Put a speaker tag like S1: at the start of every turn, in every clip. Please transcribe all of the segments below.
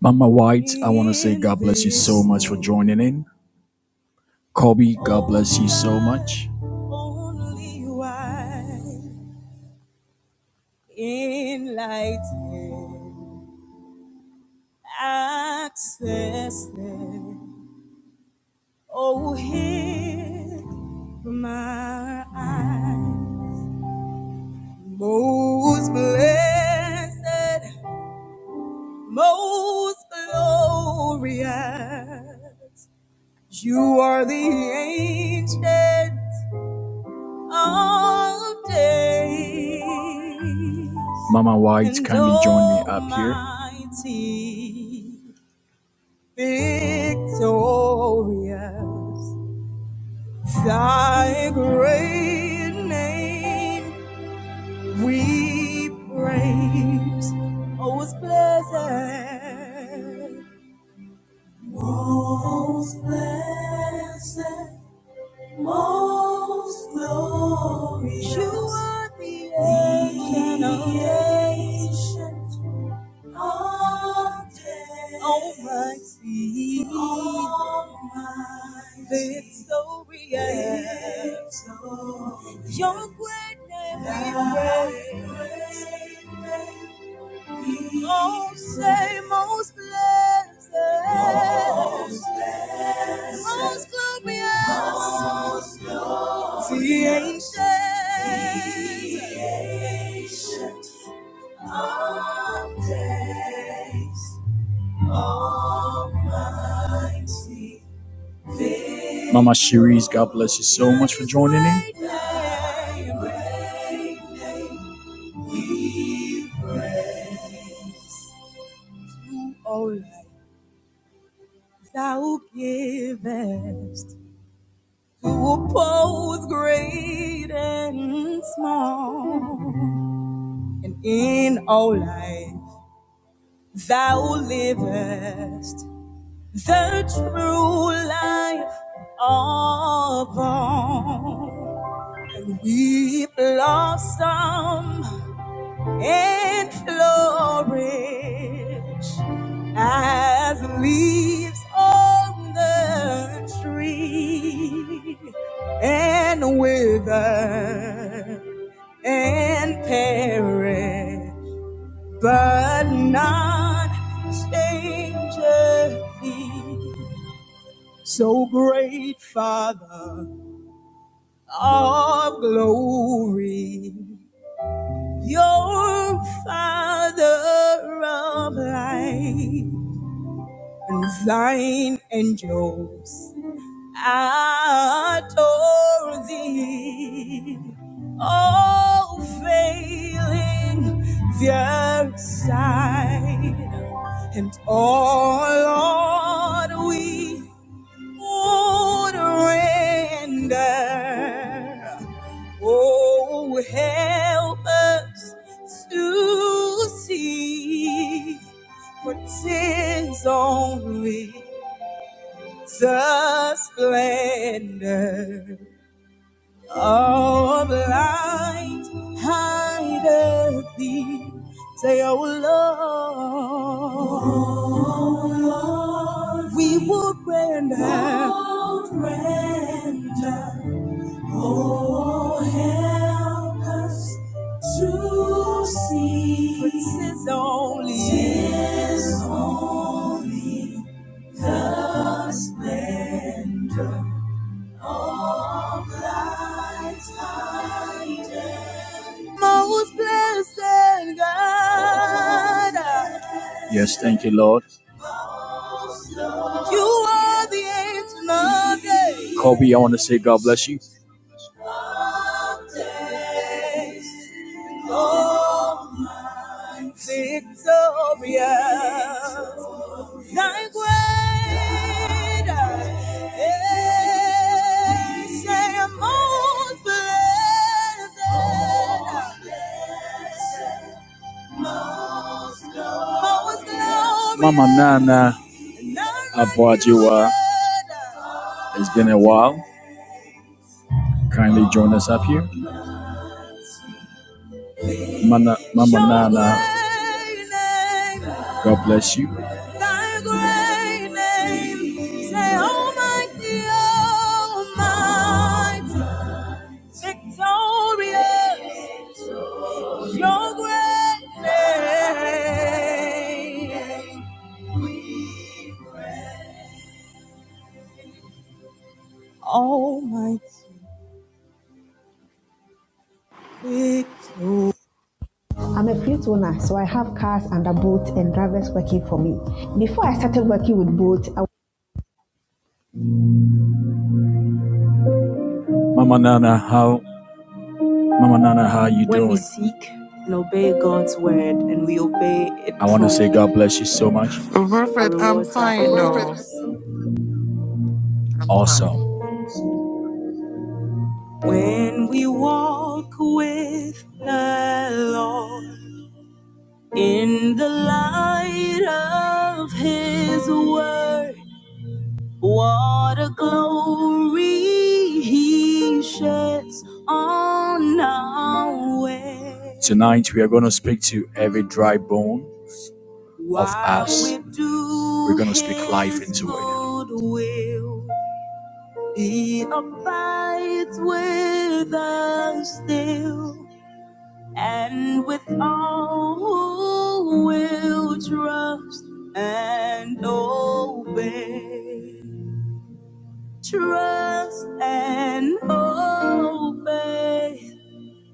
S1: Mama White, I want to say God bless you so much for joining in. Kobe, God bless you so much. Only wide, enlightened, access there. Oh, hear my eyes. Most blessed, most glorious. You are the ancient all day. Mama White, And kindly join me up here. victorious, thy great name we praise. Most blessed, most blessed. Most glorious, you are the ancient of days. Ancient of days. Almighty, Almighty, Victorious. Your great name we praise. Most say most blessed, most, blessed, most glorious, most glorious, the ancient, the ancient of days, Almighty. Mama Cherise, God bless you so much for joining in who all life, thou givest, who both great and small. And in all life, thou livest, the true life of all. And we blossom and flourish as leaves on the tree and wither and perish, but not change a thing. So great Father of glory. Your Father of light and thine angels adore thee, all failing their sight, and all Lord we surrender. Oh, help us to see, for 'tis only the splendor Oh, blind hideth thee. Say, oh Lord, oh Lord, we would render, would render. Oh, help us to see. For 'tis only, 'tis only the splendor. Most blessed God. Yes, thank you, Lord. You are the ancient of days. Kobe, I want to say God bless you. Of days, oh my Victorious. Thy greater is thy most blessed, most glorious. Mama Nana Abwajiwa, it's been a while. Kindly join us up here. Mana, Mama Nana, God bless you. I'm a fleet owner, so I have cars under boat and drivers working for me. Before I started working with boat, I Mama Nana, how? Mama Nana, how are you When doing? When we seek and obey God's word and we obey it I want to say God bless you so much. our
S2: Prophet, I'm
S1: rewards are
S2: fine, no.
S1: enormous.
S2: I'm fine.
S1: Awesome. When we walk with the Lord in the light of His word, what a glory He sheds on our way. Tonight we are going to speak to every dry bone. of us. we are going to speak life into it. he abides with us still, and with all who will trust and obey. Trust and obey,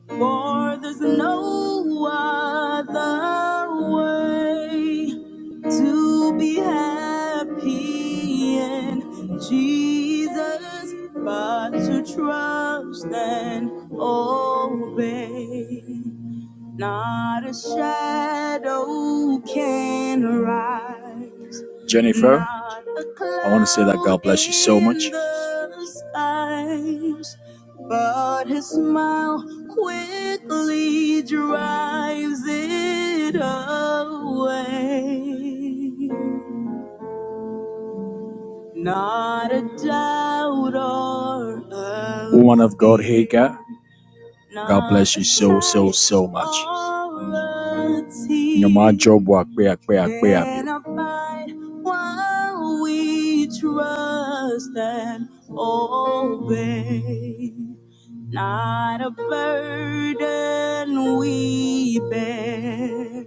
S1: for there's no other way. to be happy in Jesus, but to trust and obey. Not a shadow can rise. Jennifer, I want to say that God bless you so much. the skies. But his smile quickly drives it away. Not a doubt or a Woman of God, fear. Hagar. God bless you so, so, so much. Your my job work, pray, pray, pray. While we trust and obey. Not a burden we bear,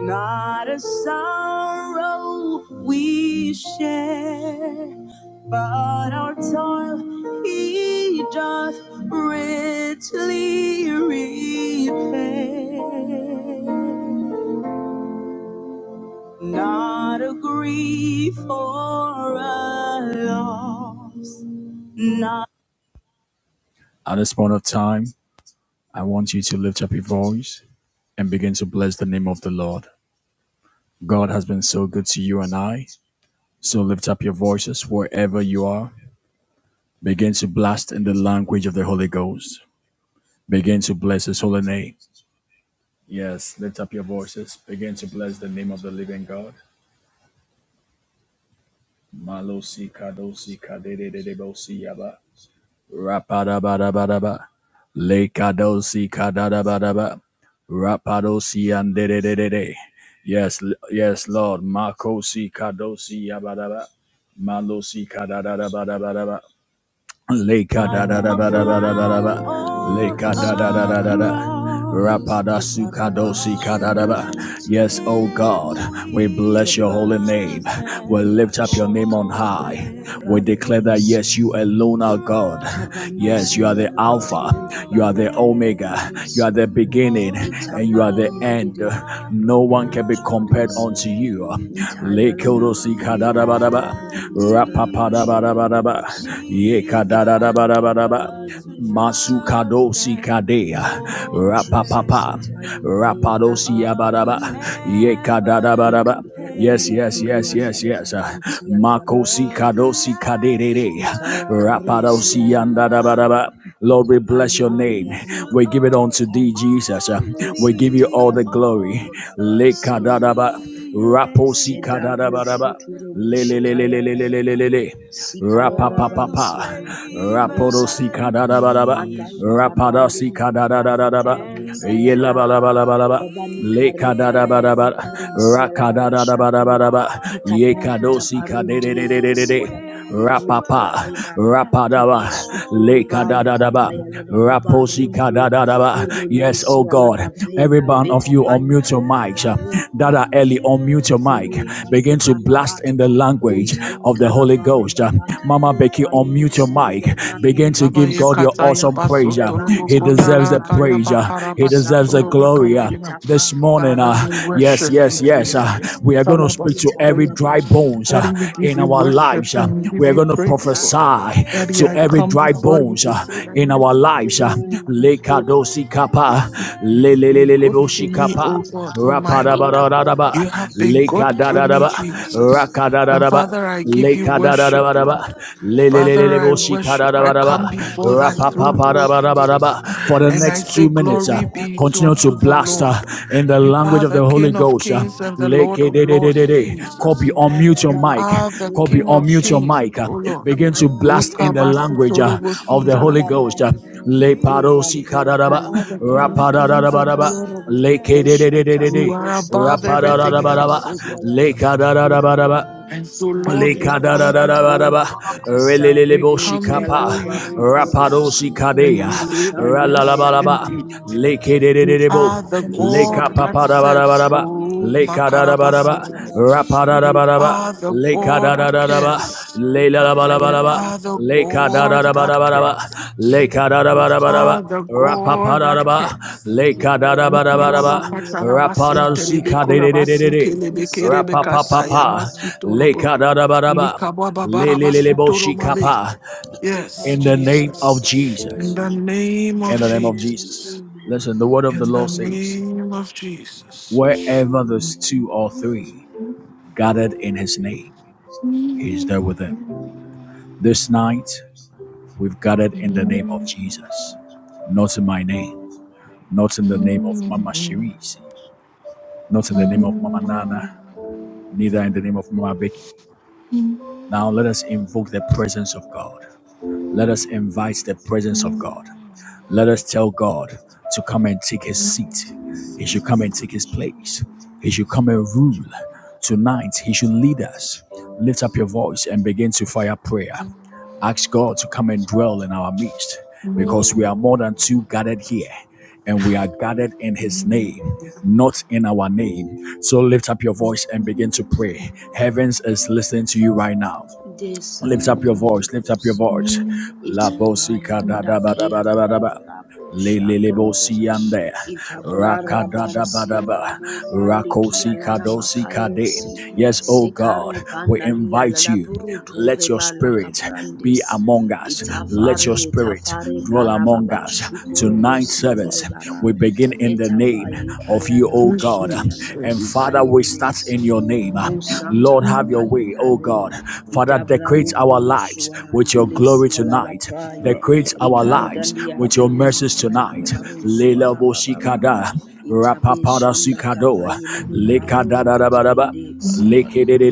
S1: not a sorrow we share, but our toil he doth richly repay. Not a grief or a loss, not At this point of time, I want you to lift up your voice and begin to bless the name of the Lord. God has been so good to you and I. So lift up your voices wherever you are. Begin to blast in the language of the Holy Ghost. Begin to bless His holy name. Yes, lift up your voices. Begin to bless the name of the living God. Malosi kadosi kadere de kadedededebosi yaba. Rapadabadabadaba. Lekadosi kadadabadaba. Rapadosi and de de de, de de. yes, yes Lord. Makosi kadosi yabadaba. Malosi kadadabadabadaba. Leka da da da da da da da da da da. Leka da
S3: abundancy,
S1: da da da da da. Rapada
S3: Keparaba
S1: sukadosi kadadaba.
S3: Suturentia
S1: Yes, oh
S3: Lamakare,
S1: God, we bless your holy
S3: Keparu
S1: name. We
S3: Suturiba
S1: lift up your name on
S3: Shankankaria
S1: high. We declare that
S3: Labrarodis,
S1: yes, you alone are God. Yes,
S3: kabandusi
S1: you are the Alpha,
S3: Ladabrahili de
S1: you are the
S3: Baruturo
S1: Omega, you
S3: Kuris,
S1: are the beginning, and you are the
S3: Itapayan de
S1: end.
S3: Dialada
S1: No one can be compared
S3: Brankurutuaris,
S1: unto you.
S3: Itayala da
S1: Lekodosi
S3: Bakuri
S1: kadadabadaba.
S3: Kilarin Sadada
S1: Rapapadabadabadaba.
S3: Bashukurubusi,
S1: Ye kadadadabadabadaba. Masukadosi kadea.
S3: Thank you, Jesus.
S1: Rapapapa.
S3: Etaye taye
S1: Rapadosi
S3: daru toro
S1: yabadaba.
S3: bosho.
S1: Ye
S3: Bika
S1: kadadabadaba. Yes,
S3: parando
S1: yes, yes,
S3: koreanda
S1: yes,
S3: da da
S1: yes.
S3: bansi ala da
S1: Makosi
S3: barore.
S1: kadosi kadere.
S3: Hitaya karu si
S1: Rapadosi
S3: ala da braye.
S1: yandadabadaba. Lord,
S3: Ika
S1: we bless your
S3: payele de
S1: name.
S3: baruntu
S1: We give
S3: ala
S1: it unto thee,
S3: makaye.
S1: Jesus.
S3: De
S1: We give you
S3: santa
S1: all the
S3: karimba
S1: glory.
S3: ukura
S1: Le
S3: bansi ele
S1: kadada
S3: de
S1: ba,
S3: baru.
S1: Raposi
S3: Sedaru
S1: kadadabadaba
S3: shuturo
S1: le le le le le
S3: boshikaya
S1: le
S3: la da
S1: le le le
S3: baba.
S1: le le rapa
S3: Sikaya la
S1: pa pa pa
S3: bansi ala
S1: rapodo si
S3: kore.
S1: ka da da ba da ba
S3: Pandai
S1: rapada si
S3: karandiri
S1: ka
S3: le
S1: da da da da
S3: babaru
S1: da ba
S3: turi
S1: ye ba la
S3: saladaye.
S1: ba la ba la ba
S3: Babani
S1: le ka
S3: kari
S1: da da ba
S3: falada
S1: da ba
S3: brakuri
S1: ra ka
S3: sialada
S1: da da da ba da
S3: bashaku.
S1: ba da ba ye
S3: Kitapa
S1: ka si ka
S3: kitaparundi
S1: de de de de
S3: enden
S1: de de
S3: sialada makuruntu
S1: Rapapa,
S3: areba.
S1: Rapadaba,
S3: Kibasu turivai
S1: Lekadadadaba,
S3: kapaya lada babaruntu.
S1: Raposikadadadaba.
S3: Kuriman
S1: Yes, oh
S3: sialada
S1: God, every
S3: vreda.
S1: one of
S3: Veta
S1: you
S3: pai
S1: unmute your
S3: kaya da
S1: mics.
S3: baruntu.
S1: Dada Eli, unmute your mic.
S3: Corintase
S1: Begin to blast in the
S3: barabasto
S1: language
S3: untai
S1: of the Holy Ghost.
S3: karabarababa
S1: Mama
S3: capri
S1: Becky,
S3: pralele
S1: unmute your
S3: sile le
S1: mic.
S3: brata
S1: Begin to give
S2: Abaya
S1: God your
S3: rababasuto
S2: kataya
S1: awesome praise.
S2: basutoro
S3: rebante
S1: He
S3: di vide
S1: deserves the
S2: bokondala
S3: baru
S2: kaya
S1: praise.
S2: bakara
S3: rabon
S1: He deserves the
S3: sapa
S2: basutoro
S1: glory.
S2: bakandegema.
S3: itapa
S1: This morning, uh,
S2: Father,
S1: uh,
S2: we
S3: baraborenda
S1: yes,
S2: worship you,
S1: yes, yes.
S3: prononse
S1: Uh,
S2: Jesus. We
S1: we are going to
S2: fala
S1: speak to every
S2: basutoro.
S1: dry
S3: itarabavari
S1: bones uh,
S2: Daddy, we give
S1: in
S3: parababa
S2: you
S1: our
S3: sile
S1: lives.
S2: worship
S1: Uh,
S3: baru
S2: and we
S1: we
S2: give
S1: are
S2: you
S1: going to
S2: praise, Lord.
S3: bansikai.
S1: prophesy
S2: Daddy,
S1: to
S2: I
S1: every
S2: come
S1: dry
S2: before you
S1: bones
S2: to
S1: uh,
S2: say that
S1: in our
S2: yes,
S4: Thank
S2: this
S1: lives. Uh,
S2: is
S3: Amen.
S2: not good.
S1: Lekadosi kapa,
S2: You have been good to
S1: lelelelelebosi
S2: me, O
S1: kapa.
S3: Imarika
S2: God, O my Lord. You
S1: Rapadabadadadaba,
S3: ilabrababa
S2: have been
S3: suto
S2: good to me,
S1: lekadadadaba,
S3: rebens
S2: Jesus. And Father,
S1: rakadadadaba.
S2: I give
S1: Le
S2: you worship,
S1: kadadadabaraba.
S2: Lord.
S1: Le le le le
S2: Father,
S1: le
S2: I
S1: boshi
S2: worship. I come
S1: kadadabaraba.
S3: Kerabaraba
S2: before thy throne,
S3: surubo
S2: O
S3: shandere
S2: Jesus,
S1: Rapapaparabaraba. For the
S2: and
S3: barabatsi
S2: I
S1: next
S2: say,
S1: two minutes, uh,
S2: Glory
S3: ketapa
S2: be to
S1: continue
S3: ketapa
S1: to
S2: unto the
S3: kare
S1: blast uh,
S2: Lord.
S1: in the
S2: You
S1: language
S2: are
S1: of
S2: the
S1: the Holy
S2: King of
S1: Ghost. Uh,
S2: kings and the
S1: le
S2: Lord of lords,
S1: kededededede. Copy,
S2: Jesus.
S1: unmute your
S2: You
S3: indaraban
S1: mic.
S2: are the
S3: suturu
S1: Copy,
S2: King of
S1: unmute your
S3: bashando
S2: kings,
S1: mic. uh,
S2: O Lord.
S1: begin to
S3: ekapaya
S2: You
S1: blast
S2: are
S1: in the
S3: kepaya
S1: language
S3: kaparu
S1: uh, of the
S3: sinde
S1: Holy Ghost. Uh,
S3: barabo
S1: le parosi
S3: uraventa
S1: kadadaba.
S2: the King
S3: ikapaya
S2: of kings and the
S1: Rapadadadabaraba.
S2: Lord
S3: rababansu
S2: of lords.
S1: Le
S3: boshanta
S1: kededededede.
S2: You are above
S3: kaboshante kiala
S2: everything else,
S1: Rapadadadabaraba.
S2: oh God.
S3: namosiala
S1: Le
S3: geba
S1: kadadadabaraba.
S3: karaba
S2: And so, Lord,
S3: sintoro
S2: we come
S3: boshata
S2: before
S1: Lekadadadadabadaba,
S2: we
S3: gisarebe
S2: come
S1: releleleboshikapa,
S3: tiala
S2: before you,
S3: rabaru
S2: Jesus,
S3: toronsi
S5: Oh,
S2: and
S1: rapadoshikadea,
S2: we say that
S3: meshanta
S2: yes,
S3: payana
S1: ralalabalaba,
S2: indeed,
S3: namana
S2: you are
S1: lekedededebo,
S2: the God
S3: Lisande
S2: that serves.
S3: Kayabasi,
S1: lekapapadabadabadaba,
S2: Oh,
S3: Te
S1: lekadadabadaba,
S2: Makarabasitin.
S3: Parababa
S2: You
S3: Shandelibia
S1: rapadadabadaba,
S2: are the
S3: Labasho
S2: God that
S1: lekadadadadaba,
S3: Kurobosi,
S2: cares.
S3: Ikapaya
S2: You
S1: lelalabalabalaba,
S2: are
S3: Rabaka
S2: the
S1: Leka da
S3: Robosa,
S1: da da
S2: God
S1: ba da
S2: that
S1: ba da ba.
S2: cares.
S1: Leka da da
S2: You
S1: ba da
S3: Mirabarunti
S1: ba da ba.
S2: are the
S3: Bamanasi,
S1: Rapa pa
S2: God
S1: da da
S2: that
S1: ba.
S2: cares.
S1: Leka da da
S3: Kikaya
S1: ba da ba da
S2: Mikala
S1: ba.
S3: Labashandi
S2: bakatara
S1: Rapa
S3: Avikaya
S1: da si
S2: basinterebe
S1: ka de
S2: kula
S1: de
S3: Rabababa,
S1: de de de de.
S2: basinkelebe kerebe kata
S3: Isarosi
S1: Rapapapapa,
S3: Alaraba,
S2: yamasutorobo.
S1: lekadadabadaba,
S2: Mikababa barabasutoro mabe.
S3: Yarabansi,
S1: shikapa.
S2: Yes,
S1: In the
S3: Itapaya
S1: name of
S2: Jesus.
S3: Rabasaya.
S2: In
S1: Jesus.
S2: the name
S1: In
S2: of
S1: the name of
S3: Amen,
S1: Jesus.
S2: Jesus.
S3: amen,
S1: Listen, the word of
S2: In
S1: the
S2: the
S1: Lord
S3: amen.
S1: says,
S2: name of Jesus.
S1: wherever there's two or three gathered in his name, he's there with them. This night, we've gathered in the name of Jesus. Not in my name, not in the name of Mama Shirisi, not in the name of Mama
S2: Yes,
S1: Nana, neither in the name of Mama Becky. Now let us invoke the presence of God. Let us invite the presence of God. Let us tell God to come and take his seat. He should come and take his place. He should come and rule. Tonight, he should lead us. Lift up your voice and begin to fire prayer. Ask God to come and dwell in our midst because we are more than two gathered here and we are gathered in his name, not in our name. So lift up your voice and begin to pray. Heavens is listening to you right now.
S3: Desa
S1: Lift up your voice, lift up your
S3: Karibosa,
S1: voice. La
S4: you.
S3: Itapaya
S1: bosika da da ba da
S3: Ndakia
S1: ba da ba da ba.
S3: Ladavlabo
S1: Le
S4: We
S1: le
S4: thank
S1: le
S4: you for
S3: Shakapa.
S4: your
S1: bosi
S4: presence
S1: ande.
S4: Uh, right now in the
S1: Raka
S3: Itabrara
S4: name of
S1: da da
S4: Jesus.
S1: ba
S4: Take
S3: bansi
S1: da ba.
S4: control,
S3: la
S4: take control,
S3: morande
S1: Rako
S3: kiala
S1: sika
S3: na
S4: Jesus.
S1: do
S4: Take control, take
S1: sika de.
S3: makayetsi
S4: control,
S1: Yes, oh God,
S3: sekari
S1: we
S3: pandali ala
S1: invite
S3: la
S1: you.
S3: burutu
S1: Let your
S4: take
S3: rebala
S4: charge,
S1: spirit
S4: take
S1: be
S3: kabrandes
S4: control, take
S1: among
S4: control,
S1: us.
S4: take
S1: Let
S4: control,
S1: your
S3: itafari
S4: take control,
S1: spirit
S3: itafari
S1: dwell
S4: take
S1: among
S3: parababa
S4: control,
S1: us.
S4: take control, take
S3: shukurubo
S1: Tonight service,
S3: sielere bara
S1: we
S4: control, take control,
S1: begin in the
S4: take control, take
S1: name
S3: etapai
S1: of you,
S3: kayara
S1: oh
S4: control, Lord.
S1: God.
S3: runti ala na
S1: And
S2: Jesus.
S6: Jesus
S1: Father, we
S3: makayene
S1: start
S3: nensi
S1: in your name
S4: Yes, we
S1: name.
S3: musanta
S1: Lord, have your
S4: thank
S3: kapai
S1: way, oh
S4: you for
S3: kare
S1: God.
S4: who
S1: Father,
S4: and how
S3: idabra
S4: you
S1: decorate our
S3: ukurusu
S1: lives with your
S3: andele
S4: in the
S1: glory
S4: heart
S3: siala
S4: of
S3: la
S1: tonight.
S4: Jesus. We
S1: Decorate
S4: should be in the
S1: our
S4: heart
S1: lives
S3: Ikandalia
S1: with your mercies
S3: remensia na
S1: tonight.
S4: of Jesus.
S3: karusua
S1: Lela
S3: rabababa.
S1: Boshikada,
S4: Lord,
S3: Itabe
S4: take
S1: Rapapada
S3: shanda
S1: Sikado,
S4: in the
S3: kapaile
S4: heart of
S3: de brahuru ture
S1: Lekadadabadaba,
S3: detsi.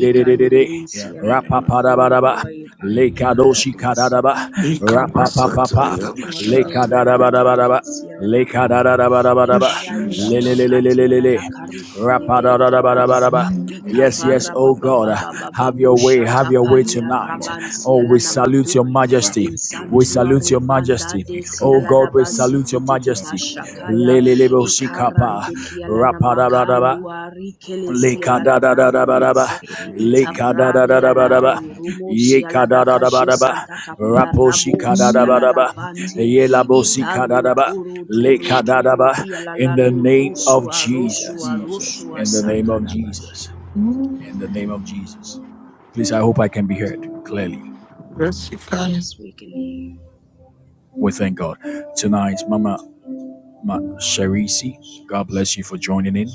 S4: Jesus.
S3: Ikandilinsia na
S4: Lord, take
S3: makonko
S1: Rapapadabadaba.
S4: control,
S3: aipain kara
S4: Jesus.
S1: Lekadoshi
S3: detsi.
S1: kadadaba,
S4: Lord,
S3: Idabra baba
S2: Ikabasata
S1: rapapapapa,
S3: karutu
S2: yamashita.
S3: arebelia la da
S1: lekadadabadabadaba,
S3: brandensia la navake.
S4: take
S2: Yes,
S1: lekadadabadabadaba,
S3: Epara yeshua
S2: Jesus.
S4: control.
S3: katia la
S1: lelelelelelele,
S3: la karutu
S4: Let
S3: rebelia
S4: your
S3: lats.
S4: presence
S1: rapadadabadabadaba, Yes,
S4: be
S1: yes,
S3: Ikavara
S1: oh
S4: the
S3: baba
S1: God, uh,
S3: baba
S4: light
S3: baba
S1: have
S4: in
S1: your
S4: the
S1: way,
S3: busha
S4: mighty
S1: have your
S4: name of
S1: way
S4: Jesus.
S3: tapaia
S1: tonight.
S4: Your
S1: Oh,
S3: rabansia la
S1: we salute your
S3: namakuri
S4: presence
S1: majesty.
S3: in
S1: We salute your
S3: sanctuary
S4: presence of
S3: vanda
S1: majesty.
S4: God,
S3: de
S1: Oh
S4: in
S1: God,
S3: sialada
S4: the
S1: we
S4: mighty
S1: salute your
S3: bazite tete
S4: Jesus. We
S1: majesty.
S4: thank the
S3: bashakaya
S4: presence,
S1: Lele
S4: O Lord.
S1: lebo sikapa,
S3: ikarande
S4: We thank
S3: kialana
S1: rapadabadaba,
S3: makandu arikele
S4: you, Lord.
S3: sialada
S1: lekadadadabadaba,
S3: vraurese
S4: in the mighty
S3: itaprari
S4: name
S1: lekadadadabadaba,
S3: alau rumo
S4: of
S3: sialada
S4: Jesus.
S3: kaje
S1: yekadadadabadaba,
S3: santa kapia rabo sialala
S1: raposikadadabadaba,
S3: vante itando
S1: yelabosikadadaba,
S3: turu turu turu
S1: lekadadaba, in the
S3: kialalalo
S4: O
S1: name
S4: Lord,
S1: of
S3: rusua
S4: take fire
S1: Jesus.
S4: in
S3: rusua
S4: the name
S3: rusua
S1: In the
S6: Christ.
S1: name of
S3: sakarabasha
S1: Jesus in the name of
S3: amen
S1: Jesus. Please, I hope I can be heard clearly.
S2: Yes, you can.
S3: yes we can hear you.
S1: We thank God. Tonight, Mama Ma- Sharisi, God bless you for joining in.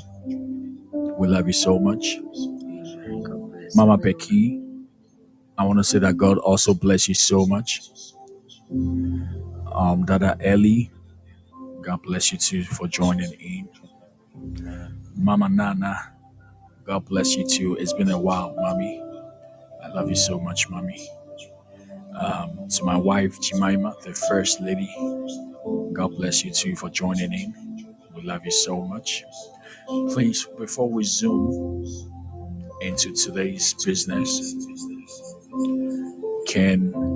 S1: We love you so much.
S3: amen god bless
S1: Mama
S3: everyone
S1: Becky, I want to say that God also bless you so much. Um, Dada Ellie, God bless you too for joining in.
S4: of God. Amen.
S1: Mama Nana, God bless you too. It's been a while, Mommy. I love you so much, Mommy. Um, to my wife, Jemima, the First Lady, God bless you too for joining in. We love you so much. Please, before we zoom into today's business, can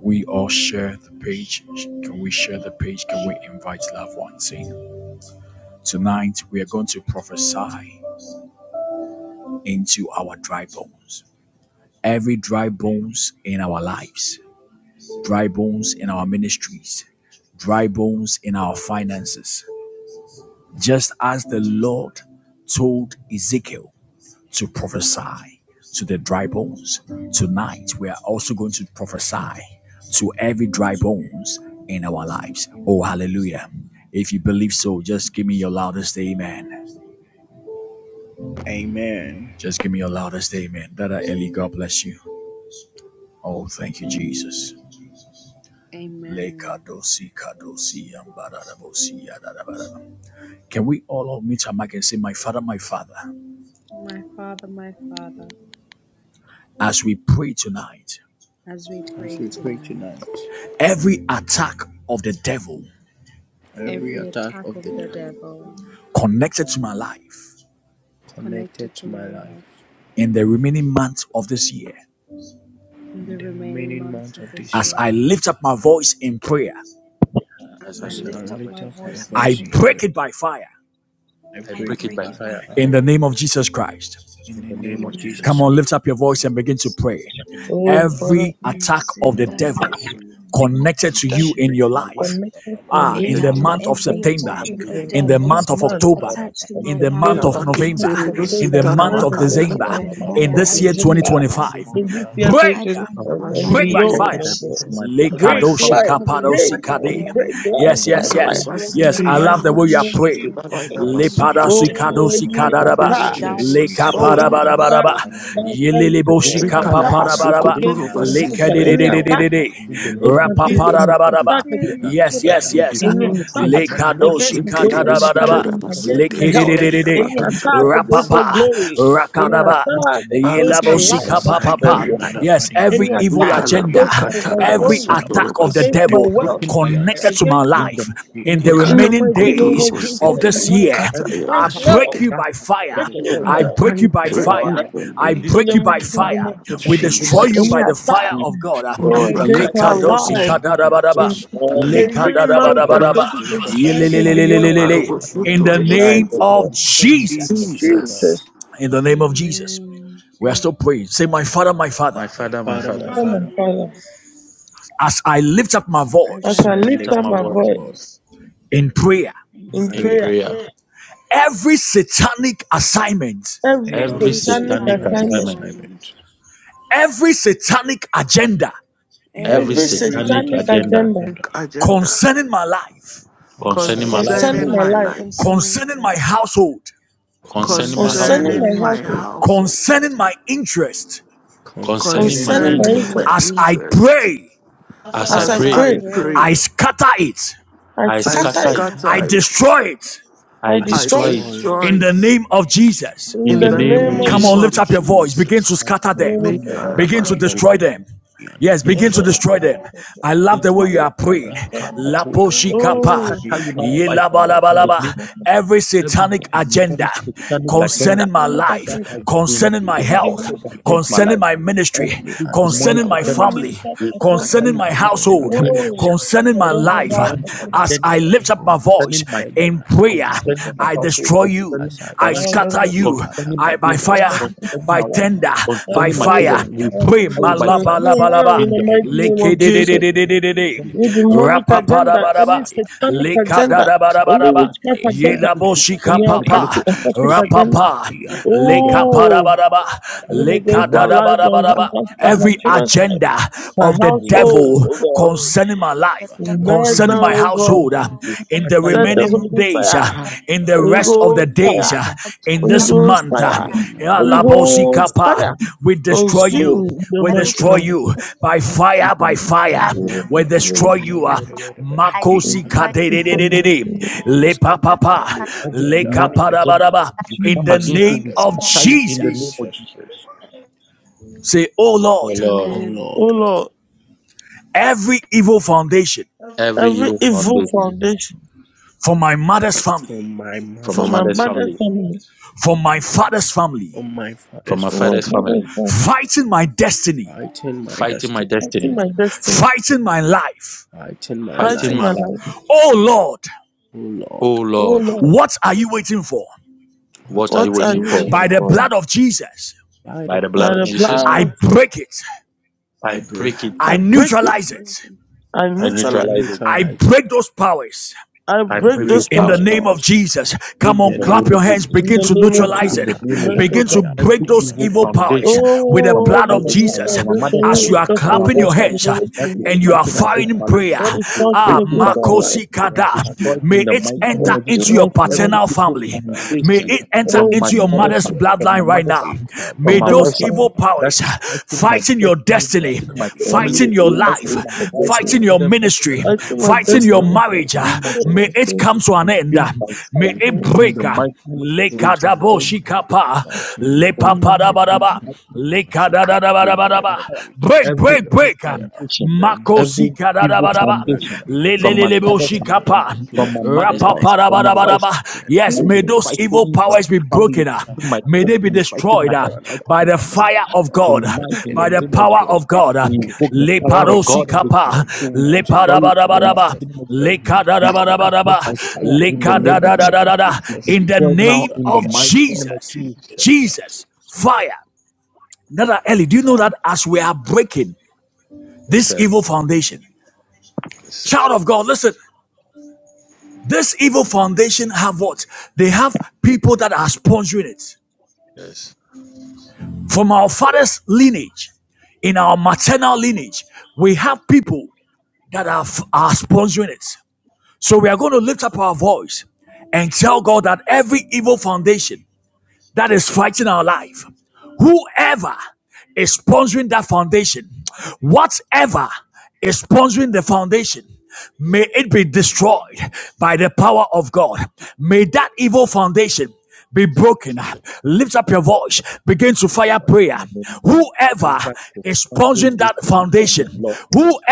S1: we all share the page? Can we share the page? Can we invite loved ones in? Tonight, we are going to prophesy into our dry bones. Every dry bones in our lives, dry bones in our ministries, dry bones in our finances. Just as the Lord told Ezekiel to prophesy to the dry bones. Tonight, we are also going to prophesy to every dry bones in our lives. Oh, hallelujah. If you believe so, just give me your loudest amen.
S6: Amen.
S1: Just give me your loudest amen. Dada Eli, God bless you. Oh, thank you, Jesus.
S3: Amen.
S1: Can we all meet our mic and say, My Father, my Father,
S3: My Father, my Father,
S1: as we pray tonight,
S3: as we
S6: As
S3: pray
S6: we pray
S3: tonight,
S6: tonight,
S1: every attack of the devil
S6: every
S3: every
S6: attack
S3: attack
S6: of
S3: of
S6: the
S3: the
S6: dark
S3: devil
S1: connected to my life
S6: connected
S3: connected to
S6: to my
S3: my life
S6: life.
S1: in the remaining months of this year.
S3: in the
S6: The
S3: remaining
S6: remaining
S3: months
S6: months of
S3: of this
S6: this
S1: As
S6: year,
S3: year,
S1: I lift up my voice in prayer,
S4: As
S3: as
S4: I
S3: I
S6: as a
S4: lift up
S3: lift
S4: my
S3: up
S4: voice
S3: my
S6: relator
S4: in
S6: of our
S4: prayer,
S3: voice in
S1: I
S6: voice in
S3: prayer,
S6: prayer,
S1: break it by fire
S6: I
S4: I
S3: I
S6: break
S4: break it
S6: it
S3: break
S4: by
S6: by
S3: it by
S4: fire
S6: fire
S1: in the
S3: fire.
S1: name of Jesus Christ.
S6: in
S4: in
S6: the
S4: the
S6: name
S4: name of
S6: of
S3: Amen.
S4: Jesus
S1: Come
S3: In
S6: Jesus.
S3: the
S1: on,
S4: Christ.
S3: name
S1: lift
S3: of
S1: up your voice and
S3: Jesus
S1: begin to
S3: Christ.
S1: pray.
S4: Father, in the name of
S5: Father,
S4: Jesus, Christ,
S1: Every
S5: in
S1: attack
S3: Thanks
S1: of
S3: in
S1: the
S4: attack
S6: Mm.
S3: the
S5: all
S3: name
S1: devil
S5: of
S1: connected
S5: the
S1: to
S3: of
S5: devil
S1: you in your
S4: my life
S1: life,
S3: Jesus.
S5: connected to
S1: ah, in
S4: connected
S5: me,
S1: the
S5: to
S4: to
S5: my
S3: Etara,
S1: month
S4: my
S1: of
S3: every
S5: husband, to my
S1: September,
S3: attack of
S4: family
S3: the
S5: children,
S4: in
S1: in the
S5: in
S4: this
S3: devil
S4: month
S5: this
S1: month
S4: of
S1: of
S5: month
S1: October,
S4: September,
S3: attached to
S5: of
S3: my
S1: in
S4: December,
S1: the
S3: life
S1: month
S5: September,
S3: in
S4: December.
S1: of
S3: the
S5: in the
S3: name
S2: Yes, Jesus,
S3: of
S1: November,
S5: month of
S4: I
S1: in
S3: Jesus.
S5: October,
S1: the
S5: in
S4: break
S5: the
S4: it
S3: I
S1: month
S4: by
S5: month
S1: of
S5: of
S4: fire
S3: break it
S1: December,
S5: November,
S4: in the
S5: in
S3: by
S5: the
S4: mighty
S5: month
S1: in
S3: fire.
S4: name
S5: of
S3: I
S1: this
S4: of
S1: year
S4: Jesus.
S3: break
S5: December,
S3: it by
S1: 2025,
S5: in
S3: fire.
S5: this year
S3: I
S1: break
S3: break
S4: of
S3: it by
S5: 2025
S4: the
S3: fire
S5: and
S4: enemy
S3: in
S1: Break
S3: the
S1: by
S3: name of
S5: beyond,
S4: projected
S1: fire.
S5: my
S4: against
S5: God.
S3: Jesus.
S4: my life, my
S5: Break
S1: Lekadoshi
S4: family.
S5: life,
S3: Every
S5: break
S1: kapadosi
S3: attack of the
S1: kade.
S5: life, break
S3: enemy,
S4: In
S5: life,
S1: Yes,
S4: the
S5: my
S1: yes,
S3: may it
S4: mighty
S3: be
S5: fire,
S1: yes.
S4: name,
S5: in
S3: broken
S5: the
S1: Yes,
S3: in
S1: I
S3: the
S1: love
S4: every
S5: mighty
S3: name
S1: the
S3: of
S1: way
S5: name
S1: you are
S5: of
S3: Jesus.
S1: praying.
S3: May it be
S5: Jesus.
S4: attack has
S3: broken in the
S4: been
S3: name
S5: Oh,
S3: of
S1: Lepadasi
S4: projected
S1: kadosi
S3: Jesus.
S5: any
S4: against
S1: kadaraba.
S4: my
S5: attack.
S4: freedom,
S3: Edarum
S4: against my
S1: Leka
S5: Oh,
S2: Father,
S5: any
S2: my
S3: sukuru
S4: businesses,
S2: God.
S5: attack
S1: parabarabaraba.
S3: sukuru
S5: that is
S3: sukuru.
S5: coming to me,
S1: Yeleleboshi
S4: against
S2: We
S5: any
S4: my marriage,
S5: attack
S1: kapaparabaraba.
S4: against my
S5: against my
S4: health,
S1: Leka
S5: husband,
S1: de de
S4: against
S5: any
S1: de
S2: calabasukotorobasindelima.
S4: my
S1: de de
S5: attack
S3: Sukuru,
S1: de
S4: wife.
S1: de.
S4: In the name
S5: against my
S4: of
S2: We
S4: Jesus,
S5: business, any
S4: we
S1: Rapaparabaraba.
S5: attack
S4: break
S5: against
S4: the
S3: Sukuru.
S5: my
S1: Yes,
S5: children,
S4: fire
S1: yes,
S4: will
S1: yes.
S5: any
S4: destroy in the
S5: attack
S4: mighty name.
S5: against
S1: Lekadoshi
S5: my government,
S4: Every
S5: my family,
S4: arrow
S1: kadarabaraba.
S4: of,
S5: against my
S4: of
S5: health,
S4: hell,
S1: Likidididididi.
S5: any
S4: every arrow,
S5: attack against
S2: calabasukotorobasindelemasutelebekeyamakatayabasi.
S4: every
S5: my
S1: Rapapa.
S4: attack
S5: glory, any
S4: shot
S1: Rakadaba.
S4: against
S5: attack
S4: my
S2: Father
S4: health,
S5: against my life,
S1: Yelaboshika
S2: Jesus,
S5: my
S2: I
S4: against my
S1: papapa.
S5: children's
S2: pray.
S6: Yakadiana
S2: Lord.
S4: business,
S5: life,
S1: Yes,
S4: shot
S5: any
S1: every
S6: Nabadiana
S2: We
S4: against
S1: evil
S5: attack
S4: my freedom,
S1: agenda,
S5: against my,
S4: shot
S5: my
S6: Ikabosia
S1: every
S4: against my
S5: glory,
S4: marriage.
S1: attack of
S6: Nabadaba
S1: the
S5: against
S4: be
S5: my
S1: devil
S5: wealth,
S4: broken by
S6: Kamadiana
S4: fire
S1: connected
S2: calabakatarabasutorobasindelemekeyabasi.
S1: to my
S5: against
S4: in
S5: my
S4: the
S1: life
S4: mighty
S1: in
S4: name
S1: the
S4: of
S5: in
S6: Ikama
S4: Jesus.
S5: the
S2: Father,
S1: remaining
S2: I
S5: mighty name
S4: Be
S2: pray
S1: days
S5: of
S4: broken
S1: of
S4: by
S5: Jesus
S1: this
S4: fire.
S5: tonight.
S1: year,
S6: and the
S4: Every
S5: Break
S1: I
S6: attack
S4: power
S6: of
S1: break
S5: now,
S1: you
S4: that
S1: by
S4: is
S6: God
S1: fire.
S5: break
S4: projected
S6: lifted
S1: I
S5: now,
S1: break you by
S4: against
S5: break
S6: at
S4: our
S2: in
S1: fire.
S5: now
S6: the
S4: life
S2: the
S6: name of
S1: I
S4: this
S2: name
S5: in
S6: Jesus
S1: break
S5: the
S1: you by
S5: mighty
S6: that
S4: September,
S1: fire.
S5: name
S6: I
S5: of
S2: of
S6: fight
S4: October,
S1: We
S6: in
S4: November,
S1: destroy you
S6: the
S2: Jesus.
S5: any
S1: by
S4: December,
S1: the
S6: name
S1: fire
S5: attack
S4: we
S1: of God.
S6: we
S4: tie
S5: oh,
S4: you
S6: destroy
S4: by
S5: against
S4: fire
S6: the
S5: our
S2: Olibakataya
S6: earth
S1: Lekadosi
S4: in the
S5: lives
S2: bashi.
S4: mighty
S6: we
S4: name of
S5: in
S1: kadadabadaba.
S6: destroy
S4: Jesus.
S5: all
S6: the
S5: the
S4: We
S6: love
S2: Sotodayeba.
S4: break you
S5: remaining
S4: by
S6: in the
S5: months
S4: fire
S5: of
S2: Yes.
S6: name of
S4: in the
S6: Jesus
S5: 2025
S4: mighty name
S5: and
S6: Yakadiana
S5: beyond.
S4: of
S1: In the
S6: Nabadiana
S4: projection.
S5: Night,
S1: name
S5: oh
S4: We
S1: of
S5: God.
S4: destroy you through
S1: Jesus.
S6: Jesus
S4: suffering.
S6: Christ
S2: Jesus,
S5: Jesus,
S1: In the name of Jesus.
S3: Amen.
S1: We are
S3: Amen.
S1: still praying. Say, My Father, my Father,
S4: My
S6: my
S4: father, my
S6: father
S4: father,
S6: my
S5: come
S6: father
S5: and Father,
S1: as I lift up my
S3: As
S5: as
S6: as
S3: I
S1: voice
S5: I
S6: I
S4: I
S3: lift
S4: lift
S5: lift
S4: up
S3: up
S5: up
S6: lift
S4: my
S5: my
S6: up
S3: my
S6: my
S4: voice
S5: voice
S6: voice
S3: voice
S1: in prayer,
S3: in
S6: in
S5: in
S4: in
S3: prayer,
S5: prayer,
S6: prayer
S4: prayer.
S1: every satanic assignment,
S5: every
S4: Every
S6: any
S3: every
S5: satanic
S4: satanic
S3: satanic
S6: satanic
S5: assignment,
S4: assignment,
S3: assignment,
S6: assignment
S1: every satanic agenda
S4: every
S3: every
S5: every
S6: Every
S4: satanic
S3: satanic
S5: satanic
S6: satanic
S4: agenda
S3: agenda
S5: agenda
S6: agenda
S2: agenda
S1: concerning my life,
S4: concerning my
S6: concerning
S4: life,
S6: my
S5: concerning
S2: concerning
S5: my
S2: my
S6: life,
S5: life,
S2: life,
S3: concerning
S1: concerning
S3: my
S1: my
S3: life,
S1: household,
S4: concerning my
S3: concerning my
S6: concerning
S4: household,
S5: concerning
S6: my
S2: concerning
S5: my
S2: my
S3: household,
S6: household,
S5: household,
S2: household,
S1: concerning my interest,
S4: concerning
S6: concerning
S4: my
S6: my
S5: concerning
S3: concerning
S5: my
S4: interest.
S2: concerning
S3: my
S2: my
S6: interests,
S5: interests,
S1: as I
S3: interests,
S2: interests.
S1: pray,
S6: as
S4: As I
S5: as
S6: I
S5: I
S2: As
S3: as I
S4: pray,
S5: pray,
S2: I
S6: pray,
S3: pray,
S2: pray,
S1: I scatter it,
S5: I
S4: I
S6: I
S2: I
S5: scatter
S3: I
S4: scatter
S5: it,
S4: it,
S3: scatter
S6: scatter
S1: I
S2: scatter
S6: it,
S3: it,
S2: it.
S1: destroy it,
S4: I
S5: I
S6: I
S2: I
S5: destroy
S3: I
S4: destroy
S5: it
S4: it
S6: destroy
S3: destroy
S1: In
S6: it.
S2: destroy
S1: the
S2: it
S1: name of Jesus.
S4: in
S5: in
S4: the
S2: in
S5: the
S2: the
S6: In
S4: name
S6: the
S3: in the
S5: name
S4: of
S5: of
S1: Come
S6: name
S3: name
S2: name
S1: on,
S6: of
S4: Jesus.
S3: of
S1: lift
S2: of
S1: up
S6: Jesus,
S1: your
S3: Jesus.
S1: voice. Begin to
S2: Jesus.
S4: That
S1: scatter
S4: In
S1: them.
S4: the
S5: Oh, look
S4: name of
S5: at that.
S1: Begin to
S6: Rakadi
S5: Look
S4: Jesus,
S5: at
S1: destroy
S5: it.
S6: Anada,
S1: them. Yes,
S6: Yanada,
S1: begin
S5: Is
S4: evil
S1: to
S5: it
S1: destroy
S4: project
S5: a is
S1: them.
S6: Yanada,
S5: it
S1: I
S5: a
S1: love the
S4: against
S1: way
S4: my
S1: you are
S4: life,
S1: praying.
S4: against my
S5: thing?
S6: Rakaba,
S1: Lapo
S4: household, we
S1: shikapa.
S6: Yanadebe,
S5: Oh,
S4: scatter you now
S1: Ye
S6: Hikaba,
S4: by
S5: okay,
S1: laba
S4: fire
S1: laba
S4: in the
S1: laba.
S5: okay,
S4: name of
S5: okay.
S1: Every
S4: every
S1: satanic agenda
S4: demonic satanic
S5: Every
S4: agenda
S1: concerning my
S5: demonic
S4: that
S5: agenda,
S1: life,
S4: has
S6: Yanadebe,
S4: been
S1: concerning my
S5: every
S4: projected
S5: demonic
S1: health,
S6: Hikaba,
S4: against
S5: agenda,
S4: my
S1: concerning
S4: life.
S1: my ministry,
S6: any
S4: Every demonic
S1: concerning
S6: agenda
S1: my
S6: by
S4: agenda
S5: any
S6: this
S1: family,
S6: day.
S5: witchcraft
S4: We
S5: agenda.
S6: and
S4: scatter
S1: concerning
S6: he
S4: you
S1: my
S6: are
S4: tonight
S6: turned
S4: in the
S6: up
S1: household,
S6: by
S4: name
S6: the
S4: of
S5: Oh,
S4: Jesus.
S6: evil
S5: I
S1: concerning my
S6: spirit,
S5: don't
S4: Every
S5: know
S6: and
S1: life.
S6: he
S5: how
S6: are
S4: demonic
S5: to
S6: turned
S5: do
S6: up
S1: As
S6: by
S1: I
S4: agenda
S6: the
S1: lift up
S6: evil
S1: my
S6: ones,
S1: voice
S4: concerning my
S6: and he
S4: health,
S1: in
S6: are turned
S1: prayer,
S6: up by
S4: concerning my
S1: I
S5: it.
S4: household,
S1: destroy you,
S4: concerning
S6: as
S4: my
S6: I
S1: I
S5: I
S4: finances,
S6: pray,
S5: don't
S1: scatter
S5: do it.
S6: he
S1: you,
S6: cut up
S4: concerning my
S6: of
S1: I by
S6: the
S4: business,
S6: young,
S5: I
S1: fire,
S5: don't do it.
S4: concerning
S1: by
S4: my wife,
S6: and
S1: tender,
S6: he are
S5: I
S1: by
S5: don't
S6: turned
S4: concerning my
S6: up
S5: do
S4: children,
S6: by
S5: it.
S1: fire.
S6: the
S5: I
S4: we
S5: don't
S6: evil,
S1: Pray,
S4: scatter
S5: do it.
S4: you
S5: It's
S6: and
S4: by
S6: he are
S1: malaba
S4: fire
S5: consumed
S1: laba
S6: turned
S5: now
S6: up
S1: laba,
S6: by
S5: in
S4: in
S5: the
S4: the
S6: the
S5: mighty
S6: enemies,
S4: mighty
S5: name
S1: leke
S4: name
S5: of
S1: de
S6: and he
S1: de de
S6: are
S5: Jesus.
S1: de
S6: turned
S1: de
S6: up by
S1: de de,
S6: the
S4: of
S5: Any
S6: enemies.
S4: Jesus.
S6: As I
S5: demonic
S1: rapa
S6: pray, may
S1: da
S5: agenda,
S1: ba
S6: your
S1: da ba,
S5: any
S6: fire,
S5: satanic
S6: may your
S1: leka da
S5: agenda,
S6: fire
S1: da ba da ba da
S5: any
S6: cancel,
S1: ba.
S6: may
S5: witchcraft
S6: your fire
S5: agenda,
S4: Every
S6: bend.
S4: witchcraft
S1: Yelaboshika
S6: In
S5: any
S6: the
S1: papa,
S6: name
S5: occultic,
S6: of
S4: manipulation,
S6: Jesus,
S5: occultic
S4: we
S6: she
S5: agenda.
S6: come
S4: scatter
S6: out,
S1: rapapa,
S4: you
S6: yanda da,
S4: in the
S1: leka
S6: yanda
S4: mighty
S6: da,
S5: Oh,
S1: parabaraba,
S6: yanda da,
S5: I
S4: name
S6: ba
S5: mean,
S6: da,
S4: of
S6: ba da,
S1: leka
S5: against
S6: ba.
S5: my
S4: demonic
S5: life, my
S6: Rakada,
S1: dadabarabaraba.
S5: husband's life, my
S1: Every
S6: yanda da,
S5: children's
S4: witchcraft
S6: ba
S5: life,
S1: agenda
S5: my
S1: of
S4: in
S1: the
S4: my
S6: da,
S4: life,
S6: yanda
S5: household,
S1: devil
S5: oh God.
S1: concerning my
S7: the
S1: life,
S6: da, ba.
S4: and
S5: Right
S4: we
S1: concerning
S6: Rakada,
S7: kind
S4: destroy
S1: my
S7: of
S5: now,
S7: money
S4: you,
S5: oh
S1: household,
S5: God,
S1: uh,
S4: we
S7: the
S1: in the
S4: scatter
S7: months
S4: you
S5: send
S4: by
S5: the
S7: minimum
S1: remaining
S4: fire.
S5: Holy Ghost
S1: days,
S4: In
S7: less
S1: uh,
S7: than
S5: fire,
S1: in the
S5: Holy
S1: rest
S7: glory.
S1: of the
S5: Ghost
S1: days.
S5: fire,
S7: Every
S1: uh, in
S6: Any
S5: Holy
S7: agenda
S1: this
S5: Ghost
S1: month. uh,
S7: concerning
S5: fire,
S7: my
S6: agenda
S5: Holy Ghost
S1: Alabosikapa,
S5: fire.
S1: We
S4: the mighty name
S1: destroy
S4: of
S7: agenda,
S1: you.
S5: Consume
S4: Jesus.
S5: the
S1: We
S7: every
S5: mighty
S1: destroy
S5: name of
S1: you
S5: Jesus.
S7: satanic
S1: by
S4: In
S1: fire,
S4: the
S1: by
S4: mighty name
S5: In
S1: fire.
S4: of
S5: the
S1: We
S5: mighty
S7: item
S4: We
S7: we
S5: name of
S1: destroy
S5: Jesus.
S1: you.
S4: scatter
S7: my
S1: uh,
S4: you
S7: found, I
S5: In
S4: in the name
S1: Makosika
S7: destroy
S1: de
S5: the
S1: de
S5: mighty
S1: de
S7: them.
S1: de
S5: name
S1: de
S5: of
S1: de.
S5: Jesus.
S1: Le
S7: Every
S1: papa,
S7: satanic
S4: every demonic
S6: by the
S4: agenda. We
S1: In
S4: come
S1: the
S5: Jesus.
S6: any
S4: against you.
S1: name
S4: We
S6: agenda.
S1: of
S7: item.
S4: scatter you in the name
S6: Jesus
S1: Jesus,
S4: of
S6: Christ.
S4: Jesus.
S1: say, Oh Lord,
S4: Oh Lord,
S6: Oh
S3: Amen.
S5: Oh
S6: Lord,
S5: Lord,
S1: every evil foundation
S4: every
S5: every
S4: evil
S5: evil
S4: foundation
S5: foundation
S1: for my mother's family,
S6: from my
S4: from my
S5: for
S6: mother's
S5: my
S4: mother's
S6: family,
S5: mother's
S4: family,
S5: family,
S1: for my father's family,
S6: from my
S4: from
S6: father's
S4: my
S5: for my
S4: father's
S6: family,
S5: father's
S4: family,
S5: family,
S1: fighting my destiny,
S6: fighting my
S4: fighting my
S6: destiny,
S5: fighting
S4: destiny,
S5: my destiny,
S1: fighting my life.
S6: fighting my
S4: fighting
S5: fighting
S4: my
S5: my
S6: life.
S4: life.
S5: life.
S1: Oh Lord,
S6: Oh Lord,
S4: Oh
S5: Oh
S4: Lord,
S5: Lord,
S1: What are you waiting for?
S6: what
S4: what are you
S6: are
S5: what are
S6: you
S4: waiting
S5: you
S6: waiting
S4: for?
S1: By
S5: evil
S1: the
S6: for?
S5: for now?
S1: blood of Jesus,
S6: By
S4: By
S6: the
S4: the
S5: By
S4: blood
S6: blood
S4: of
S5: the
S6: of
S4: Jesus,
S5: blood
S1: I
S6: Jesus,
S5: of Jesus,
S1: break it.
S4: I
S6: I
S4: break
S6: break it.
S4: it.
S5: I
S1: I
S5: break it,
S1: neutralize it.
S3: Amen.
S5: I
S4: I
S6: I
S5: neutralize
S4: neutralize
S5: it,
S4: it.
S1: I
S6: neutralize it.
S1: break those powers.
S5: I
S6: I
S4: I
S5: break
S4: break those
S5: those
S6: break
S1: In the
S6: those
S5: powers.
S4: powers
S1: name of
S6: powers.
S1: Jesus, come
S6: In
S4: in
S1: on,
S6: the
S4: the
S6: name
S1: clap
S4: name
S6: of
S1: your
S4: of
S1: hands,
S4: Jesus.
S5: In
S1: begin
S6: Jesus.
S5: the
S1: to
S5: name of
S4: Father,
S1: neutralize
S4: in
S5: Jesus,
S1: it,
S4: the
S5: the
S4: name of
S5: name
S4: Jesus,
S1: begin
S5: of
S1: to
S5: God.
S4: every
S1: break those
S4: evil
S1: evil
S6: Rakadiyanadabadiyanadaba.
S1: powers
S4: foundation
S1: with the
S4: from my
S5: Oh,
S1: blood
S5: every
S1: of
S4: father's
S5: evil
S4: house,
S1: Jesus.
S4: from my mother's
S5: foundation, every
S1: As
S4: house,
S1: you are
S5: witchcraft
S4: from my
S1: clapping your
S4: wife's
S6: Rakabadiyanadabadaba.
S5: foundation,
S4: house,
S1: hands uh,
S5: demonic
S4: that is
S1: and you
S5: foundation,
S1: are
S4: fighting
S1: firing
S4: against
S1: in
S4: my life,
S1: prayer,
S5: that
S6: Ikabadabadaba.
S5: is
S4: we break
S5: fighting
S1: ah,
S4: it by
S5: against our
S4: fire.
S1: Makosi
S5: life.
S4: It
S1: Kada,
S4: destroyed
S1: may
S4: in the
S1: it
S4: mighty name
S1: enter
S5: Oh,
S4: of Jesus.
S1: into your
S6: Rakadiyanadabadabadabadaba.
S5: Jesus.
S4: Every
S1: paternal
S4: evil
S1: family, may
S4: foundation
S1: it enter
S4: from
S5: Oh,
S4: my
S1: into your
S4: father's
S5: Jesus.
S1: mother's
S4: house, from my
S6: Rakadiyanadabadiyanadabadaba.
S1: bloodline right
S4: mother's
S1: now.
S4: house,
S1: May
S4: from
S5: Lord,
S4: my
S5: I want
S1: those
S4: wife's house,
S5: you
S1: evil
S6: Ikabababababa.
S4: that
S1: powers
S4: is
S1: voice,
S4: fighting my
S1: fighting your
S4: destiny,
S1: destiny,
S4: fighting my family,
S1: fighting your
S6: Rakadiyanadabadaba.
S4: fighting
S5: easy
S4: my
S5: for
S1: life,
S4: wife,
S5: this
S4: my
S1: fighting
S5: one.
S1: your
S4: children, fighting
S1: ministry,
S4: my
S5: I
S4: life.
S5: do my
S1: fighting
S5: best to
S1: your
S4: Tonight,
S5: help
S4: in the
S5: you.
S1: marriage.
S4: name
S6: Rakadiyanadabadaba.
S4: of Jesus,
S1: May
S5: Oh,
S1: it
S5: thank
S1: come
S4: we
S1: to an end.
S4: consumed by
S1: May
S4: fire
S1: it
S4: in
S1: break.
S4: the
S6: Ikababa.
S4: mighty name of Jesus. We
S6: Let
S1: Lekadabo
S4: destroy you
S1: shikapa,
S4: we
S5: in
S4: consume
S5: the
S4: in
S5: mighty
S4: the
S1: lepapadabadaba,
S4: night of
S1: lekadadadabadabadaba.
S4: fire
S1: Break,
S4: every
S1: break,
S6: your
S4: evil
S1: break.
S6: fire
S4: foundation,
S6: burn down
S4: every
S1: Makosi
S4: evil
S6: it,
S1: kadadabadaba.
S6: burn that
S4: foundation
S6: evil
S4: from my
S6: spirit,
S4: father's
S1: Leleleleboshi
S4: house,
S6: burn that
S1: kapa.
S6: evil
S4: from
S6: plus
S4: my
S6: in
S4: mother's
S6: the name
S4: house,
S6: of
S4: from my
S6: Jesus.
S4: wife's
S1: Rapaparabadabadaba.
S4: house.
S6: In the name of
S1: Yes,
S4: That
S5: name of
S1: may
S4: is
S1: those
S5: Jesus.
S1: evil
S4: fighting my
S1: powers
S6: Father,
S1: be
S4: family,
S1: broken. ah.
S4: fighting my
S1: May they be
S6: Son,
S4: destiny, fighting
S1: destroyed
S4: my
S6: and
S1: ah,
S4: health,
S6: Holy
S4: fighting
S1: by
S4: my
S1: the
S6: Spirit.
S4: finances.
S6: Amen.
S1: fire of God,
S6: Let
S4: Tonight, in
S6: any
S4: the
S1: by the
S4: name
S6: evil
S4: of
S1: power
S6: plan
S4: Jesus,
S1: of
S6: be
S1: God. ah.
S4: we
S6: broken.
S4: invoke the
S6: Let
S4: fire
S6: the
S4: of
S1: Leparosi
S4: God and
S6: evil
S4: we
S6: plan
S1: kapa.
S4: crush you,
S6: be
S4: we
S6: burnt in the
S4: destroy
S6: name
S4: you
S6: of
S4: in the mighty
S1: Leparabadabadaba.
S6: Jesus.
S4: name of Jesus.
S6: Let him who
S4: Be
S6: plan
S4: scattered
S1: Lekadadabadabadaba.
S4: by
S6: Destroy
S4: fire
S6: them
S4: in the
S6: down
S4: name
S6: in
S4: of
S6: the
S4: Jesus.
S6: name of
S1: Lekadadadadadada.
S4: Be
S6: Jesus.
S1: In the
S6: Seek out
S4: destroyed
S6: that
S4: now
S1: name
S4: in the
S6: body
S1: of
S6: and
S4: mighty
S6: love
S4: name of
S1: Jesus,
S4: Jesus.
S6: Jesus.
S1: Jesus, fire. Nada Ellie, do you know that as we are breaking
S4: Yes,
S1: this
S4: sir.
S1: evil foundation,
S4: Yes, sir.
S1: Child of God, listen. This evil foundation have what? They have people that are sponsoring it.
S4: Yes.
S1: From our father's lineage, in our maternal lineage, we have people that are, are sponsoring it. So we are going to lift up our voice and tell God that every evil foundation that is fighting our life, whoever is sponsoring that foundation, whatever is sponsoring the foundation, may it be destroyed by the power of God. May that evil foundation be broken. Lift up your voice. Begin to fire
S4: Lord,
S1: prayer.
S4: in the name of Jesus.
S1: Whoever
S4: Ever
S1: is
S4: discovering
S1: purging
S4: this
S1: that
S4: evil foundation,
S1: foundation,
S4: Lord,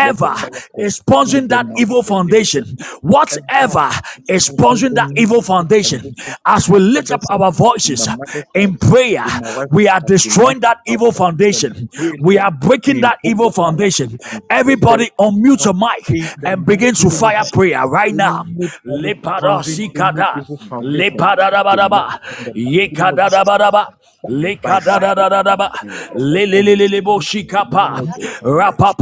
S4: let your fire
S1: is
S4: consume
S1: purging that
S4: them now in
S1: evil
S4: the name of
S1: foundation,
S4: Jesus. Whoever
S1: whatever
S4: is
S1: is
S4: sponsoring
S1: purging that
S4: any
S1: evil
S4: evil foundation
S1: foundation,
S4: in
S1: as we
S4: my
S1: lift up
S4: father's house,
S1: our
S4: in
S1: voices
S4: my mother's house,
S1: in prayer,
S4: in my wife's
S1: we are
S4: house, we
S1: destroying
S4: lift
S1: that
S4: our
S1: evil
S4: voices and
S1: foundation.
S4: pray,
S1: We
S4: Lord.
S1: are breaking
S4: We
S1: that
S4: invoke
S1: evil
S4: your
S6: As I
S4: fire to
S1: foundation.
S4: consume them
S1: Everybody unmute
S4: now
S1: your mic
S4: in the
S1: and begin
S4: mighty
S1: to
S4: name of
S1: fire
S4: Jesus.
S1: prayer right now.
S4: Anybody sponsoring any
S1: Leparosikada.
S4: evil foundation tonight
S1: Lepadadabadaba.
S4: in the mighty name of Jesus
S1: Yekadadabadaba.
S4: by fire
S1: Lekadadadadaba.
S4: Father God, consume the name
S1: Leleleleleboshikapa.
S4: of Jesus.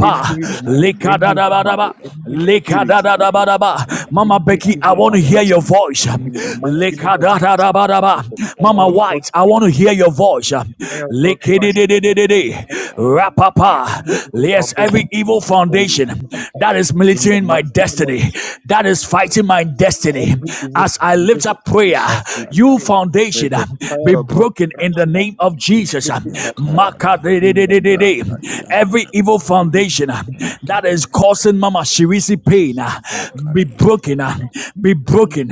S4: Any man,
S6: create
S4: any woman,
S1: Lekadadabadaba.
S6: a
S4: any
S6: fire,
S4: spirit that is
S1: Lekadadadabadaba.
S4: standing
S1: Mama
S4: any
S1: Becky,
S6: write
S1: I
S4: evil
S1: want
S6: them
S1: to
S6: down
S1: hear
S4: foundation
S1: your
S6: in the
S1: voice.
S6: name
S4: in
S6: of
S4: the mighty
S6: Jesus.
S4: name of Jesus,
S1: Lekadadadabadaba.
S4: with the
S1: Mama
S4: fire of
S6: Somebody,
S4: God
S1: White, I want to
S4: catch
S1: hear
S4: you,
S1: your voice.
S4: with the fire of God crush you,
S6: somebody,
S4: in the
S1: Lekededededede.
S4: mighty name of Jesus,
S6: somebody,
S4: any
S1: Rapapa.
S4: evil
S1: Yes, every
S4: foundation
S1: evil
S4: be
S1: foundation
S4: consumed by
S1: that
S4: fire
S1: that is
S4: in
S1: militating
S4: the
S1: my
S4: mighty name of
S1: destiny,
S4: Jesus.
S1: that is fighting my destiny.
S4: Every evil
S1: As I lift
S4: foundation,
S1: up prayer,
S4: as we
S1: you
S4: pray,
S1: foundation
S4: that the
S1: uh, be
S4: fire of God
S1: broken in
S4: crush
S1: the
S4: you and
S1: name of
S4: be
S1: Jesus. uh.
S4: broken by fire in the mighty
S1: Every evil foundation uh, that is causing Mama Shirisi pain uh, be broken, uh,
S6: somebody,
S1: be broken,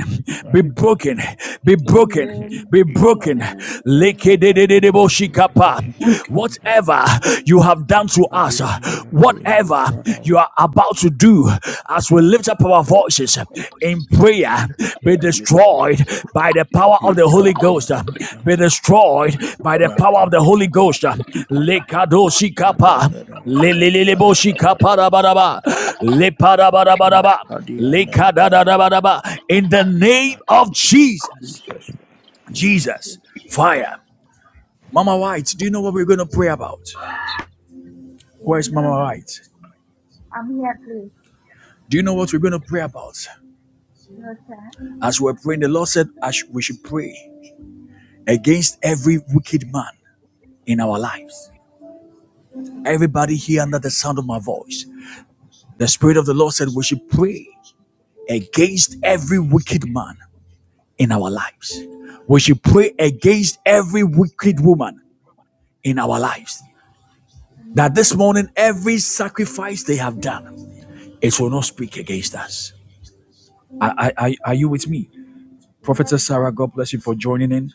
S1: be
S6: Makadia
S1: broken, be broken, be
S3: Amen.
S6: ikama
S1: broken.
S3: Amen.
S6: makamadiya nereve
S1: What
S6: ikama
S1: whatever you have done to us,
S6: makadiya
S1: uh,
S6: nereve
S1: whatever you
S6: ikarawa
S1: are about to do, as we
S6: mo
S1: lift up our voices in prayer, be destroyed
S6: nereve
S1: by the power of the Holy
S6: ikana
S1: Ghost.
S6: mana
S1: uh,
S6: mana
S1: Be destroyed by the power of the
S6: rakana
S1: Holy
S6: na na na
S1: Ghost.
S6: na na
S1: Lekadoshi kapa
S6: ramna na mana madiya na
S1: leleleleboshi
S6: na
S1: kapa
S6: mana
S1: uh, Lekadoshikapa, leleleleboshikaparabaraba, leparabarabaraba,
S6: rakadiya
S1: lekadadadabadaba. In the name of Jesus,
S6: Jesus
S1: Jesus, fire. Mama White, do you know what we're going to pray about? Where's Mama
S7: Roma,
S1: Right?
S7: I'm here, please.
S1: Do you know what we're going to pray about?
S7: Rota,
S1: As we're praying, the Lord said I we should pray against every wicked man in our lives. Everybody here under the sound of my voice, the Spirit of the Lord said we should pray against every wicked man in our lives. We should pray against every wicked woman in our lives. That this
S7: Amen.
S1: morning, every sacrifice they have done, it will not speak against us. Are,
S7: Yes,
S1: are, are are you with me? Prophetess
S7: sir.
S1: Sarah, God bless you for joining in.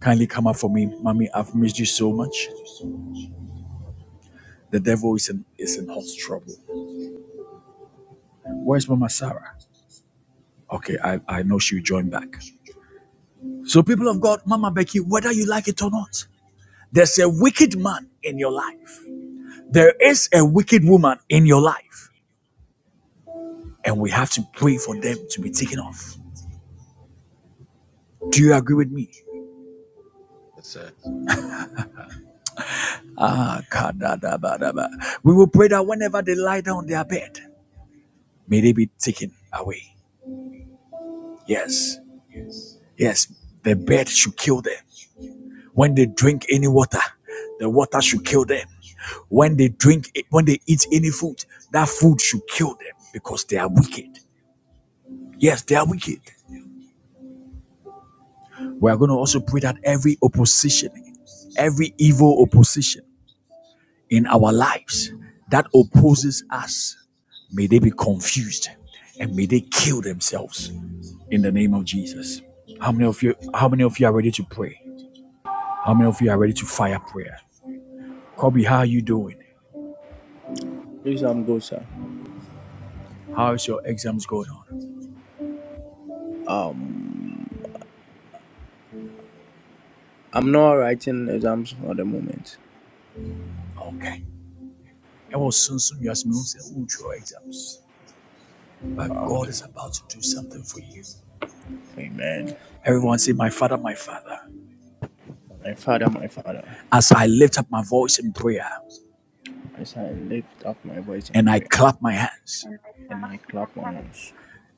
S1: Kindly come up for me. Mommy, I've missed you so much. The devil is in, is in hot trouble. Where's Mama Sarah? Okay, I, I know she'll join back. So, people of God, Mama Becky, whether you like it or not, there's a wicked man in your life. There is a wicked woman in your life. And we have to pray for them to be taken off. Do you agree with me?
S4: Yes, sir.
S1: We will pray that whenever they lie down on their bed, may they be taken away. Yes, yes, the bed should kill them. When they drink any water, the water should kill them. When they drink, when they eat any food, that food should kill them because they are wicked. Yes, they are wicked. We are going to also pray that every opposition, every evil opposition in our lives that
S3: Amen.
S1: opposes us, may they be confused and may they kill themselves in the name of Jesus. How many of you? How many of you are ready to pray? How many of you are ready to fire prayer? Kobe, how are you doing?
S6: exam go sir
S1: How is your exams going on?
S6: um I'm not writing exams for the moment
S1: Okay. It will soon soon your smells and will your exams. But God
S6: okay
S1: is about to do something for you.
S6: amen
S1: Everyone say, My father, my father.
S6: My Father, my Father,
S1: As I lift up my voice in prayer
S6: as I lift up my voice in
S1: and I
S6: prayer
S1: clap my hands,
S7: And I
S6: and
S7: clap
S6: I clap my
S7: my hands.
S6: hands,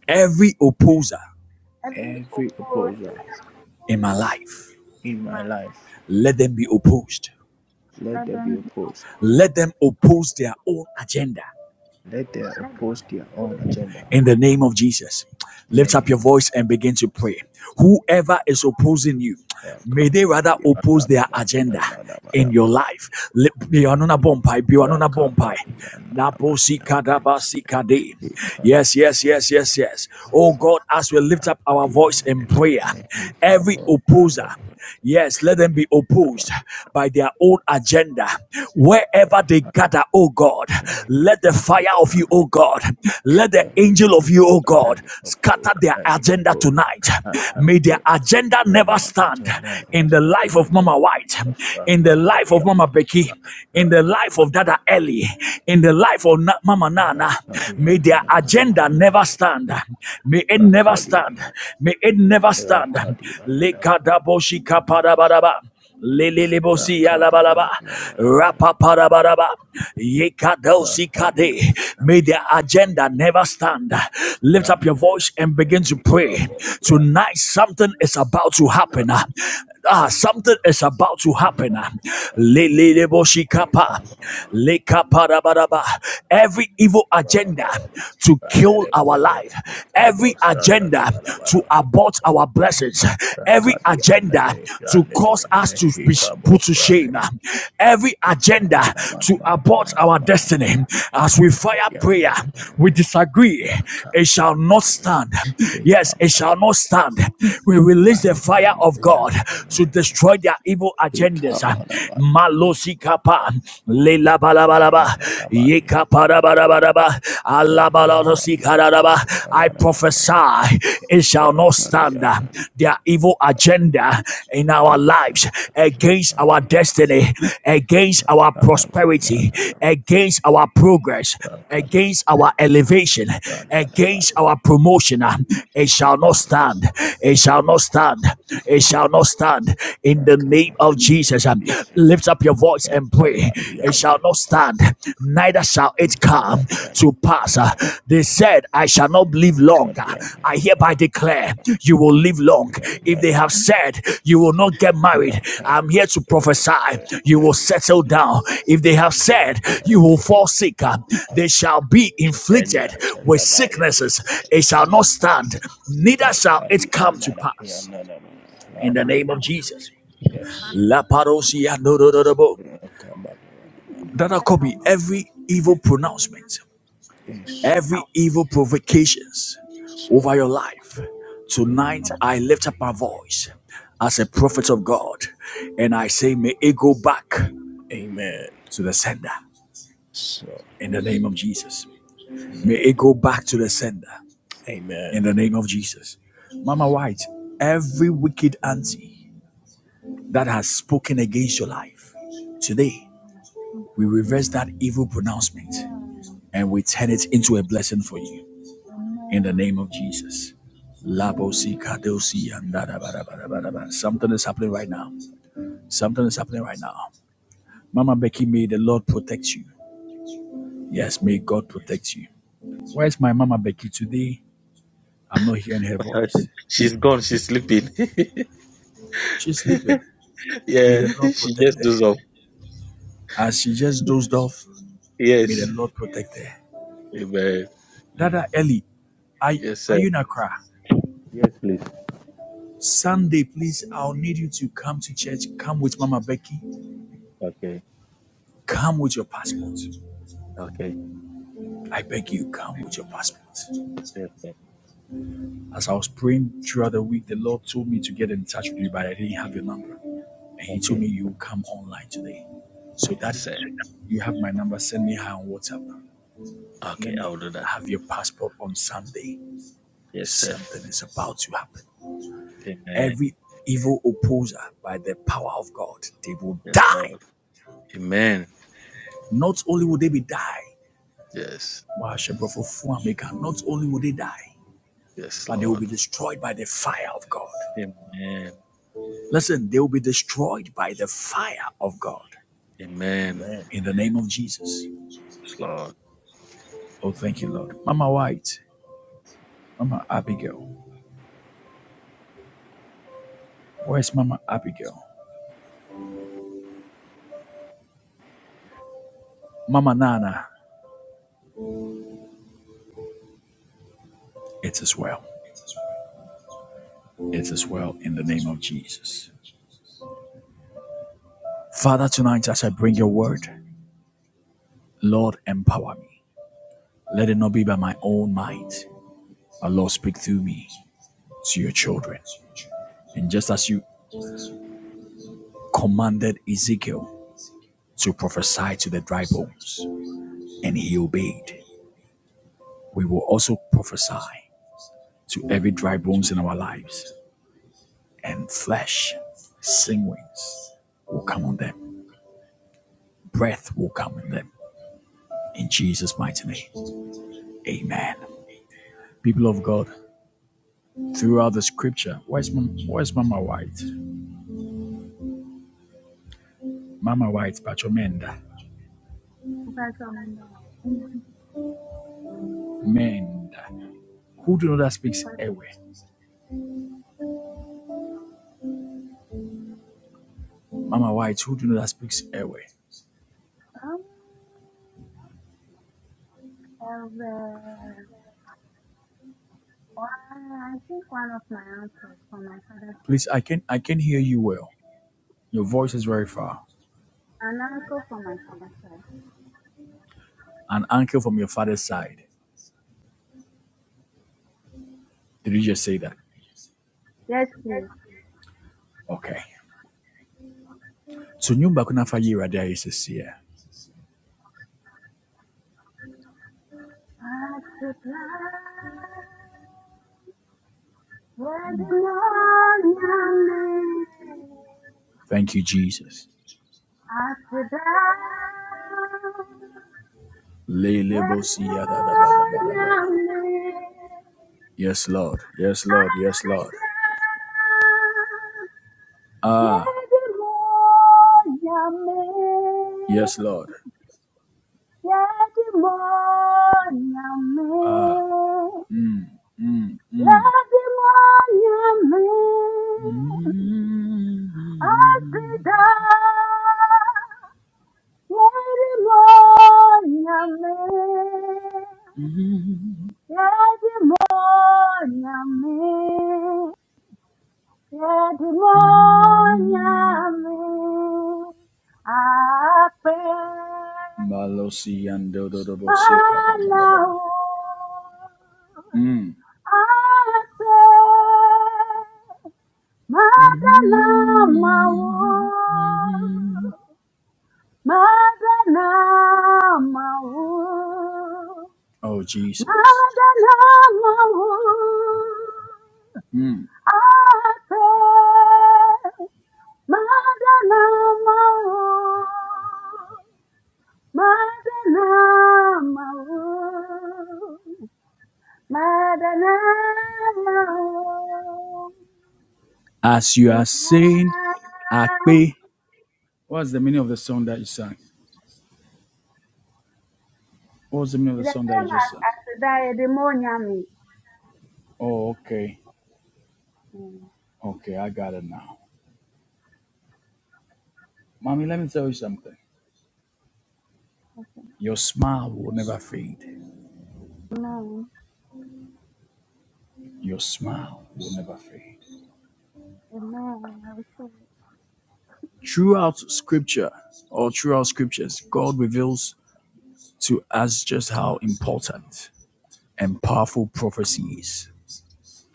S1: every opposer
S7: Every
S6: every
S7: opposed
S6: opposer
S1: in my life,
S6: in
S7: in my
S6: my
S7: life,
S6: life,
S1: let them be opposed.
S6: let
S7: let
S6: them be
S7: them be
S6: opposed.
S7: opposed.
S1: Let them oppose their own agenda.
S6: Let them
S7: Let them
S6: oppose
S7: be
S6: their own
S7: opposed to
S6: agenda.
S7: their
S1: in the name of Jesus.
S6: In the
S1: Lift up
S7: own
S6: name
S1: your voice and begin to pray. Whoever is opposing you,
S6: of
S1: may they
S6: Rakaba,
S1: rather oppose their agenda in your life. Li- be anona bompai, be anona bompai. Nabosi kadabasi Yes, yes, yes, yes, yes. Oh God, as we lift up our voice in prayer, every opposer. Yes, let them be opposed by their own agenda. Wherever they gather, oh God, let the fire of you, oh God, let the
S6: any
S1: angel of you, oh
S6: opposer,
S1: God,
S6: any
S1: scatter
S6: opposer,
S1: their
S6: any
S1: agenda
S6: opposer.
S1: tonight.
S6: I have
S1: May their
S6: heard
S1: agenda never
S6: that
S1: stand
S6: agenda never
S1: in the
S6: start
S1: life
S6: in the
S1: of
S6: name of
S1: Mama White,
S6: Jesus.
S1: in the life of Mama
S6: Rakamadiana,
S1: Becky, in the life of Dada
S6: Rakamadiana,
S1: Ellie, in the life of Na- Mama Nana. May
S6: Rakadiana,
S1: their agenda never stand. May it never stand
S6: Rakadiana,
S1: stand. May it never stand.
S6: Rakadiana,
S1: Lekadaboshi kapadabadaba. Lelelebosi alabalaba.
S6: Rakadiana,
S1: Rapapadabaraba. Yekadosi kade.
S6: Rakadiana,
S1: May their agenda never stand. Lift up your
S6: Ranere,
S1: voice and begin to pray.
S6: Ekabos, Ranere,
S1: Tonight, something is about to happen.
S6: Rakan,
S1: Ah, something is about to happen.
S6: Rakan,
S1: Leleleboshi kapa.
S6: Ekabos.
S1: Lekapadabadaba. Every evil
S6: Rama
S1: agenda
S6: Baba
S1: to kill
S6: Ramere
S1: our
S6: Reneme
S1: life,
S6: Kambo
S1: every
S6: Shana
S1: agenda
S6: Nabana Bana
S1: to abort our blessings, every
S6: Rakati
S1: agenda
S6: Anere
S1: to
S6: Rande de
S1: cause us
S6: Veneme
S1: to be put
S6: Hikabo
S1: to
S6: Shane
S1: shame, every agenda
S6: Hikamana Mana
S1: to
S6: Mana
S1: abort
S6: Mama
S1: our
S6: Mama
S1: destiny.
S6: Mama
S1: As we fire
S6: Rakati
S1: prayer,
S6: Anere
S1: we
S6: Veneme
S1: disagree. It
S6: Rakati
S1: shall not
S6: Anere
S1: stand. Yes, it shall
S6: Hikababa
S1: not stand. We release the fire
S6: Nana
S1: of God
S6: Yana
S1: to
S6: Veneme
S1: destroy their evil agendas.
S6: Hikamana Mana Mama
S1: Malosika
S6: Mama
S1: pa lelabala.
S6: Rana Maria Rana Maria Rana Mana
S1: I
S6: Mana
S1: prophesy
S6: Mama
S1: it shall not
S6: Rakati
S1: stand. Their evil
S6: Anere
S1: agenda in our lives, against our destiny, against our prosperity, against our progress against our elevation, against our promotion. uh, It shall not stand. It shall not stand. It shall not stand. In the name of Jesus, um, lift up your voice and pray. It shall not stand. Neither shall it come to pass. Uh, They said, I shall not live long long, I hereby declare you will live long. If they have said you will not get married, I'm here to prophesy you will settle down. If they have said you will fall sick, uh, they shall be
S6: Any
S1: inflicted with
S6: agenda by the it
S1: sicknesses.
S6: was
S1: It shall not stand,
S6: correct.
S1: neither
S6: No,
S1: shall it
S6: Kadi,
S1: come
S6: and
S1: to
S6: Nana,
S1: pass. In the name of Jesus.
S6: Yes,
S1: La parosia no do do do bo. That I copy every evil pronouncement
S6: Yes,
S1: Every evil provocations
S6: Lord.
S1: over your life. Tonight I lift up my voice as a prophet of God and I say, May it go back
S6: Amen.
S1: to the sender
S6: So,
S1: in the name of Jesus. May
S6: amen.
S1: it go back to the sender in
S6: Amen.
S1: the name of Jesus. Mama White, every wicked auntie that has spoken against your life, today we reverse that evil pronouncement
S7: agenda. Amen.
S1: and we turn it into a blessing for you in the
S7: Amen.
S1: name of Jesus.
S7: Amen.
S1: Labosi kadosi andada bada bada bada bada. Something is happening right now. Something is happening right now. Mama Becky, may the Lord protect you. Yes, may God protect you. Where is my Mama Becky today? I'm not hearing her voice.
S4: she's gone. She's sleeping.
S1: She's sleeping. May
S4: yeah,
S1: the Lord
S4: she
S1: protect
S4: just
S1: her.
S4: does off.
S1: As she just dozed off, may the
S4: Yes.
S1: Lord protect her.
S4: Amen.
S1: Dada Ellie, are,
S4: Yes,
S1: are
S4: sir.
S1: you in Accra?
S4: Yes, please.
S1: Sunday, please, I'll need you to come to church. Come with Mama Becky.
S4: Okay.
S1: Come with your passport.
S4: Okay.
S1: I beg you, come with your passport.
S4: Yes, sir.
S1: As I was praying throughout the week, the Lord told me to get in touch with you, but I didn't have your number. And He told
S4: Okay.
S1: me you will come online today. So,
S4: Yes,
S1: Daddy,
S4: sir.
S1: you have my number. Send me her on WhatsApp. Let
S4: Okay,
S1: me
S4: I'll do that.
S1: have your passport on Sunday.
S4: Yes, sir.
S1: Something is about to happen.
S4: Amen.
S1: Every evil opposer, by the power of God, they will
S4: Yes,
S1: die.
S4: Lord. Amen.
S1: Not only will they be die,
S4: Yes.
S1: not only will they die,
S4: Yes,
S1: but they will
S4: Lord.
S1: be destroyed by the fire of God.
S4: Amen.
S1: Listen, they will be destroyed by the fire of God.
S4: Amen.
S6: Amen.
S1: in the name of Jesus. Oh, thank you, Lord. Mama White, Mama Abigail. Where's Mama Abigail? Mama Nana. It is as well. It is as well in the name of Jesus. Father, tonight as I bring your word, Lord, empower me. Let it not be by my own might, but Lord, speak through me to your children. And just as you commanded Ezekiel to prophesy to the dry bones, and he obeyed, we will also prophesy to every dry bones in our lives. and flesh, sing wings will come on them, breath will come on them. In Jesus' mighty name, amen. People of God, throughout the scripture, where's, Mom, where's Mama White? Mama White, Pacho Menda.
S7: Professional. Mhm.
S1: Menda. Who do you know that speaks Ewe? Mama White, who do you know that speaks Ewe?
S7: Um, of, uh, I think one of my uncles from my father's
S1: Please,
S7: side.
S1: I can I can hear you well. Your voice is very far.
S7: An uncle from my father's side.
S1: An uncle from your father's side. Did you just say that?
S7: Yes, please.
S1: Okay. So nyumba kunafa yira there is
S7: What's the plan? Where the morning
S1: Thank you, Jesus.
S7: After that, where
S1: Lelebo
S7: the
S1: siya da da ba da ba da ba.
S7: morning
S1: Yes, Lord. Yes, Lord.
S7: I
S1: Yes,
S7: sit
S1: Lord.
S7: Yadimonyame,
S1: Ah, yes, Lord. Mm.
S7: I pray.
S1: Malo siya do do do bo si ka da da da da da.
S7: Malao,
S1: Mm.
S7: ase, Madana mawo, madana mawo,
S1: Oh, Jesus.
S7: madana mawo, ase, madana mawo, madana mawo. Madanao,
S1: As you
S7: Sinai.
S1: are saying, Akpe. What's the meaning of the song that you sang? What's the meaning of
S7: It's
S1: the
S7: the
S1: song that you
S7: same
S1: just
S7: as,
S1: sang?
S7: as the demonium.
S1: Oh, okay. Okay, I got it now. Mommy, let me tell you something. Your smile will never fade.
S7: Amen.
S1: Your smile will never fade.
S7: Amen. I receive it.
S1: Throughout scripture or throughout scriptures, God reveals to us just how important and powerful prophecy is.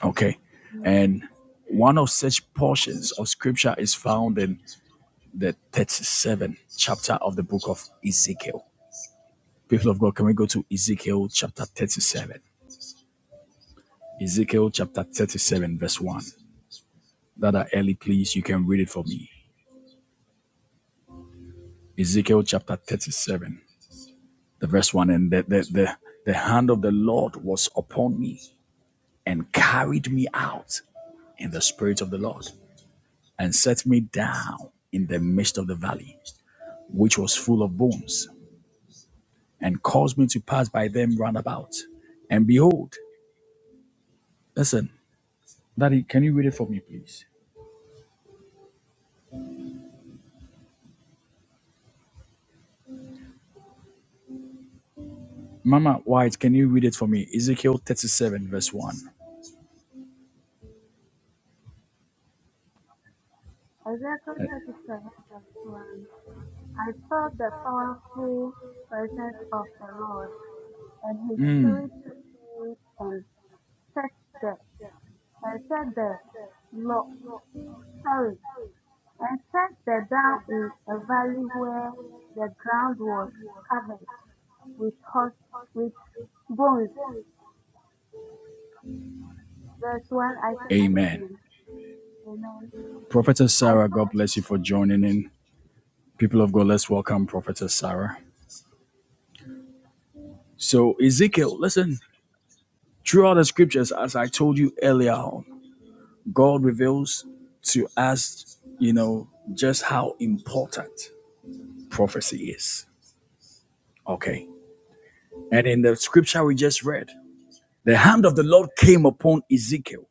S1: Okay. And one of such portions of scripture is found in the 37th chapter of the book of Ezekiel. People of God, can we go to Ezekiel chapter 37? Ezekiel chapter 37, verse 1. That are early, please. You can read it for me. Ezekiel chapter 37. the verse 1 and the, the, the, the hand of the lord was upon me and carried me out in the spirit of the lord and set me down in the midst of the valley which was full of bones and caused me to pass by them round about and behold listen daddy can you read it for me please mama white can you read it for me ezekiel 37 verse 1
S7: Isaiah 37 verse 1. I saw the powerful presence of the Lord, and his
S1: Mm,
S7: spirit took me and set the, and set the, lo- sorry, and set the down in a valley where the ground was covered with hot with bones. Verse 1, I take it
S1: amen
S7: again. Amen.
S1: prophetess
S7: I
S1: sarah god bless
S7: fell
S1: you for joining in people of god let's welcome prophetess sarah so ezekiel listen Throughout the scriptures, as I told you earlier on, God reveals to us, you know, just how important prophecy is. Okay. And in the scripture we just read, the hand of the Lord came upon Ezekiel.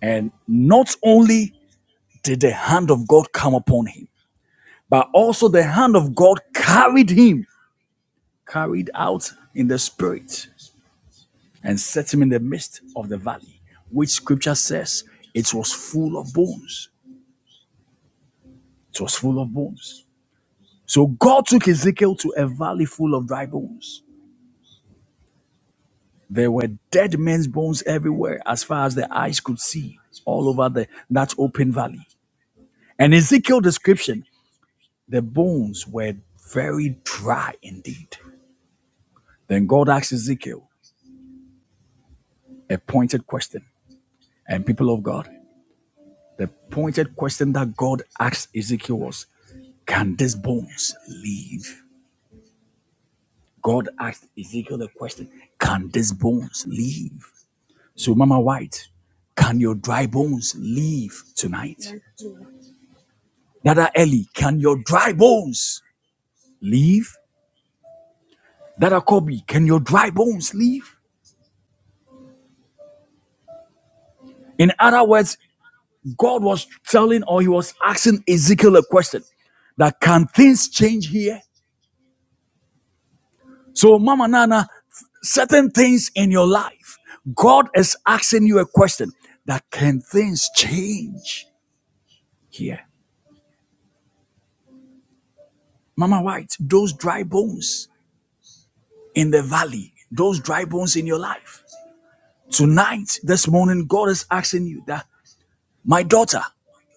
S1: And not only did the hand of God come upon him, but also the hand of God carried him, carried out in the spirit, and set him in the midst of the valley, which scripture says it was full of bones. It was full of bones. So God took Ezekiel to a valley full of dry bones. There were dead men's bones everywhere, as far as the eyes could see, all over the, that open valley. And Ezekiel's description, the bones were very dry indeed. Then God asked Ezekiel a pointed question. And people of God, the pointed question that God asked Ezekiel was, Can these bones live? God asked Ezekiel the question, Can these bones live? So, Mama White, can your dry bones leave tonight?
S7: asleep.
S1: Dada Ellie, can your dry bones leave? Dada Kobe, can your dry bones leave? In other words, God was telling or he was asking Ezekiel a question that can things change here? So, Mama Nana, certain things in your life, God is asking you a question that can things change here? Mama White, those dry bones. in the valley, those dry bones in your life. Tonight, this morning, God is asking you that, my daughter,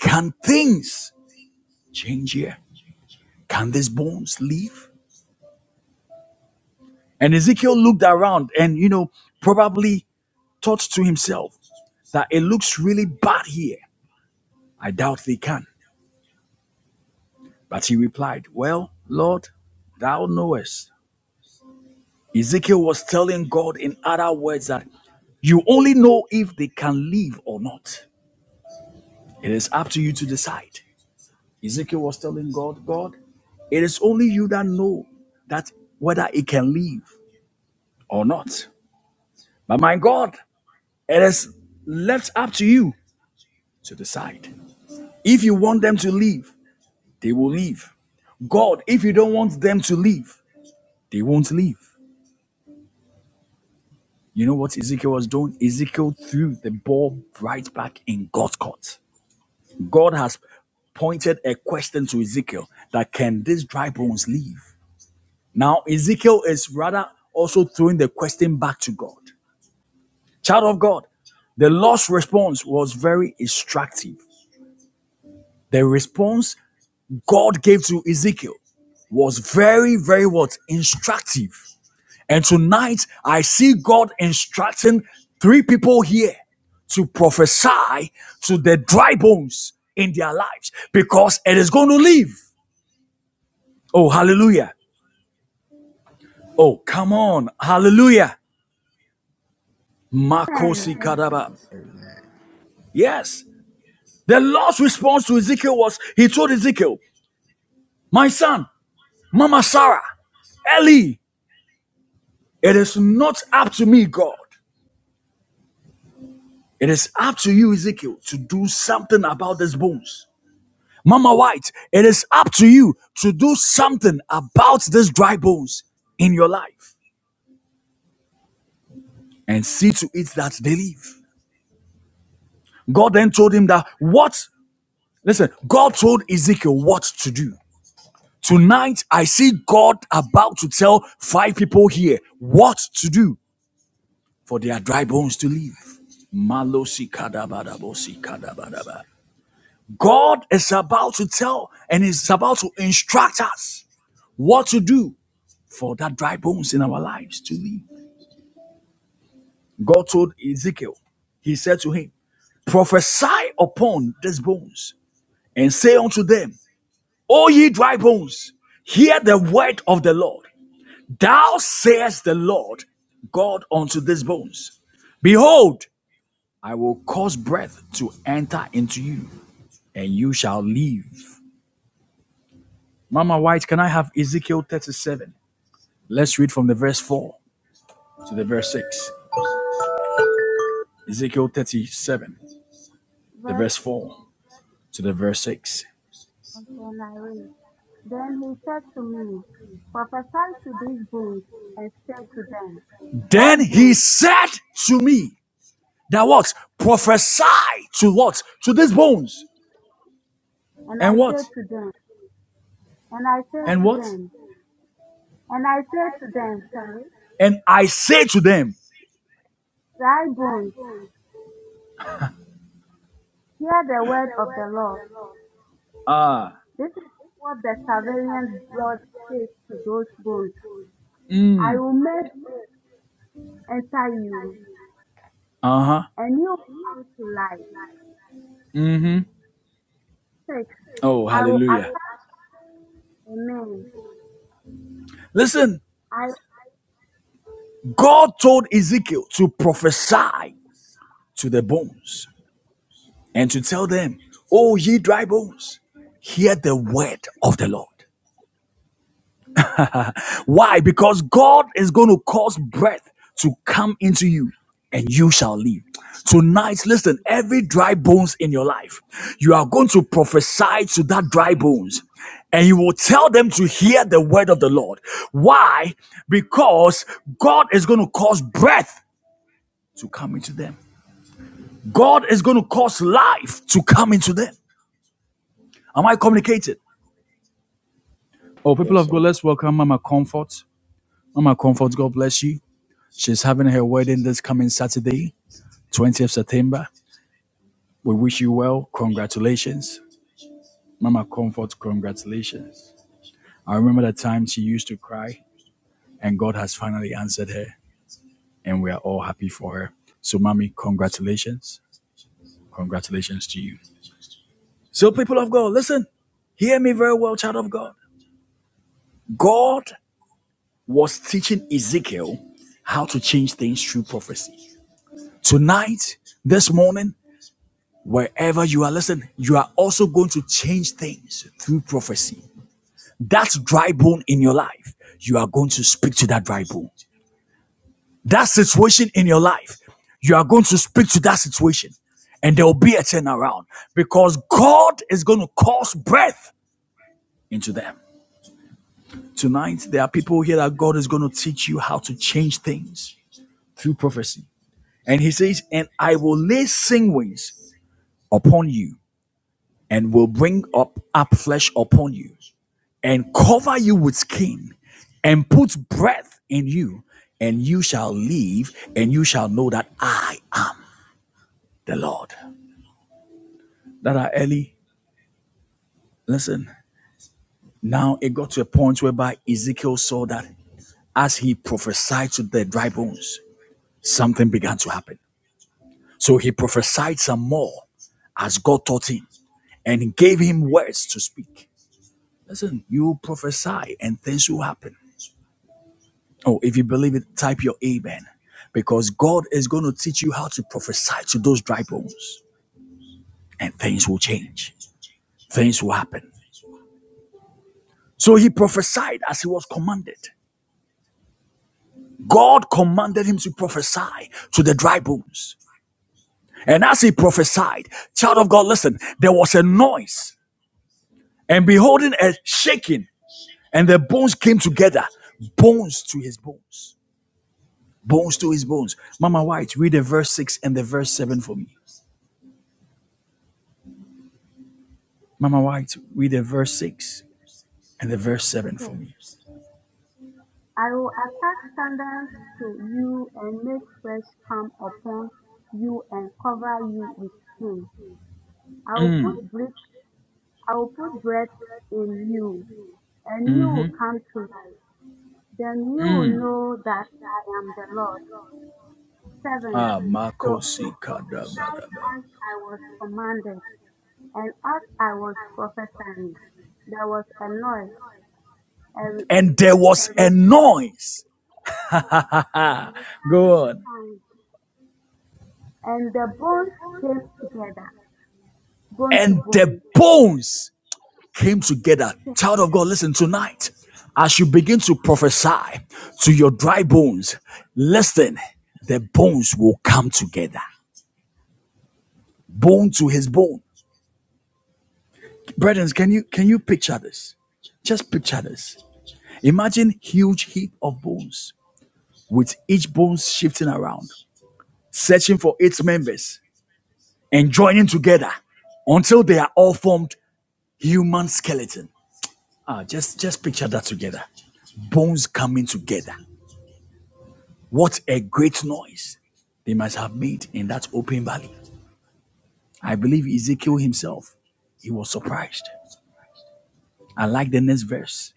S1: can things change here? Can these bones live? And Ezekiel looked around and, you know, probably thought to himself that it looks really bad here. I doubt they can. But he replied, Well, Lord, thou knowest. Ezekiel was telling God, in other words, that you only know if they can live or not. It is up to you to decide. Ezekiel was telling God, God, it is only you that know that whether it can live or not. But my God, it is left up to you to decide. If you want them to live, they will live. God, if you don't want them to live, they won't live. You know what Ezekiel was doing? Ezekiel threw the ball right back in God's court. God has pointed a question to Ezekiel that can these dry bones live? Now, Ezekiel is rather also throwing the question back to God. Child of God, the Lord's response was very instructive. The response God gave to Ezekiel was very, very what? Instructive. And tonight, I see God instructing three people here to prophesy to the dry bones in their lives because it is going to live. Oh, hallelujah. Oh, come on. Hallelujah.
S7: Amen.
S1: Makosi
S7: Amen.
S1: Kadaba.
S6: Amen.
S1: Yes. The Lord's response to Ezekiel was, He told Ezekiel, My son, Mama Sarah, Eli, it is not up to me, God. It is up to you, Ezekiel, to do something about these bones. Mama White, it is up to you to do something about these dry bones in your life and see to it that they live. God then told him that what, listen, God told Ezekiel what to do. Tonight, I see God about to tell five people here what to do. for their dry bones to live. Malosi kadabadabosi kadabadaba. God is about to tell and is about to instruct us what to do for that dry bones in our lives to live. God told Ezekiel, He said to him, Prophesy upon these bones and say unto them, O ye dry bones, hear the word of the Lord. Thou sayest the Lord God unto these bones. Behold, I will cause breath to enter into you, and you shall live. Mama White, can I have Ezekiel 37? Let's read from the verse 4 to the verse 6. Ezekiel 37, the
S7: Verse
S1: verse 4 to the verse 6.
S7: until I read. Then he said to me, Prophesy to these bones, and say to them, Dry
S1: Then he
S7: bones.
S1: said to me, That what? Prophesy to what? To these bones.
S7: And I
S1: And what?
S7: said to them, and I said
S1: And
S7: to
S1: what?
S7: them, and I said to them, sorry,
S1: And I say to them,
S7: dry bones, hear the word of the Lord.
S1: Ah,
S7: This is what the surveillance blood says to those bones.
S1: uh
S7: I will make bread enter you,
S1: huh.
S7: a new come to life.
S1: mm-hmm."
S7: 6.
S1: Oh,
S7: I will
S1: hallelujah.
S7: attach, amen.
S1: Listen,
S7: I,
S1: God told Ezekiel to prophesy to the bones and to tell them, Oh, ye dry bones, hear the word of the Lord. Why? Because God is going to cause breath to come into you and you shall live. Tonight, listen, every dry bones in your life, you are going to prophesy to that dry bones and you will tell them to hear the word of the Lord. Why? Because God is going to cause breath to come into them. God is going to cause life to come into them. Am I communicated? Oh, people
S6: Yes,
S1: of
S6: sir.
S1: God, let's welcome Mama Comfort. Mama Comfort, God bless you. She's having her wedding this coming Saturday, 20th September. We wish you well. Congratulations. Mama Comfort, congratulations. I remember the time she used to cry, and God has finally answered her, and we are all happy for her. So, Mommy, congratulations. Congratulations to you. So, people of God, listen, hear me very well, child of God. God was teaching Ezekiel how to change things through prophecy. Tonight, this morning, wherever you are listening, you are also going to change things through prophecy. That dry bone in your life, you are going to speak to that dry bone. That situation in your life, you are going to speak to that situation and there will be a turnaround because God is going to cause breath into them. Tonight, there are people here that God is going to teach you how to change things through prophecy. And he says, And I will lay sinews upon you, and will bring up, up flesh upon you, and cover you with skin, and put breath in you, and you shall live, and you shall know that I am the Lord. That are early. Listen, now it got to a point whereby Ezekiel saw that as he prophesied to the dry bones, something began to happen. So he prophesied some more as God taught him and gave him words to speak. Listen, you prophesy and things will happen. Oh, if you believe it, type your amen because God is going to teach you how to prophesy to those dry bones and things will change. Things will happen. So he prophesied as he was commanded. God commanded him to prophesy to the dry bones. And as he prophesied, child of God, listen, there was a noise and beholding a shaking And the bones came together, bones to his bones, bones to his bones. Mama White, read the verse 6 and the verse 7 for me. Mama White, read the verse 6 and the verse 7 for
S7: okay.
S1: me.
S7: I will attach standards to you and make fresh come upon you and cover you with him. I will
S1: Mm,
S7: put breath, I will put breath in you, and you
S1: Mm-hmm.
S7: will come to life. Then you will know that I am the Lord. 7.
S1: Ah,
S7: So I
S1: Makosi
S7: prophesied
S1: kadabadaba.
S7: as I was commanded. And as I was prophesying, there was a noise, a,
S1: And there
S7: a
S1: was a
S7: returning
S1: noise. Go on.
S7: sound, and the bones came together, bone to
S1: And the
S7: bone.
S1: bones came together. Child of God, listen tonight. As you begin to prophesy to your dry bones, listen, the bones will come together. bone to his bone. Brethren, can you can you picture this? Just picture this. Imagine huge heap of bones with each bone shifting around, searching for its members and joining together until they are all formed human skeleton. Ah, just just picture that together. Bones coming together. What a great noise they must have made in that open valley. I believe Ezekiel himself, he was surprised. I like the next verse.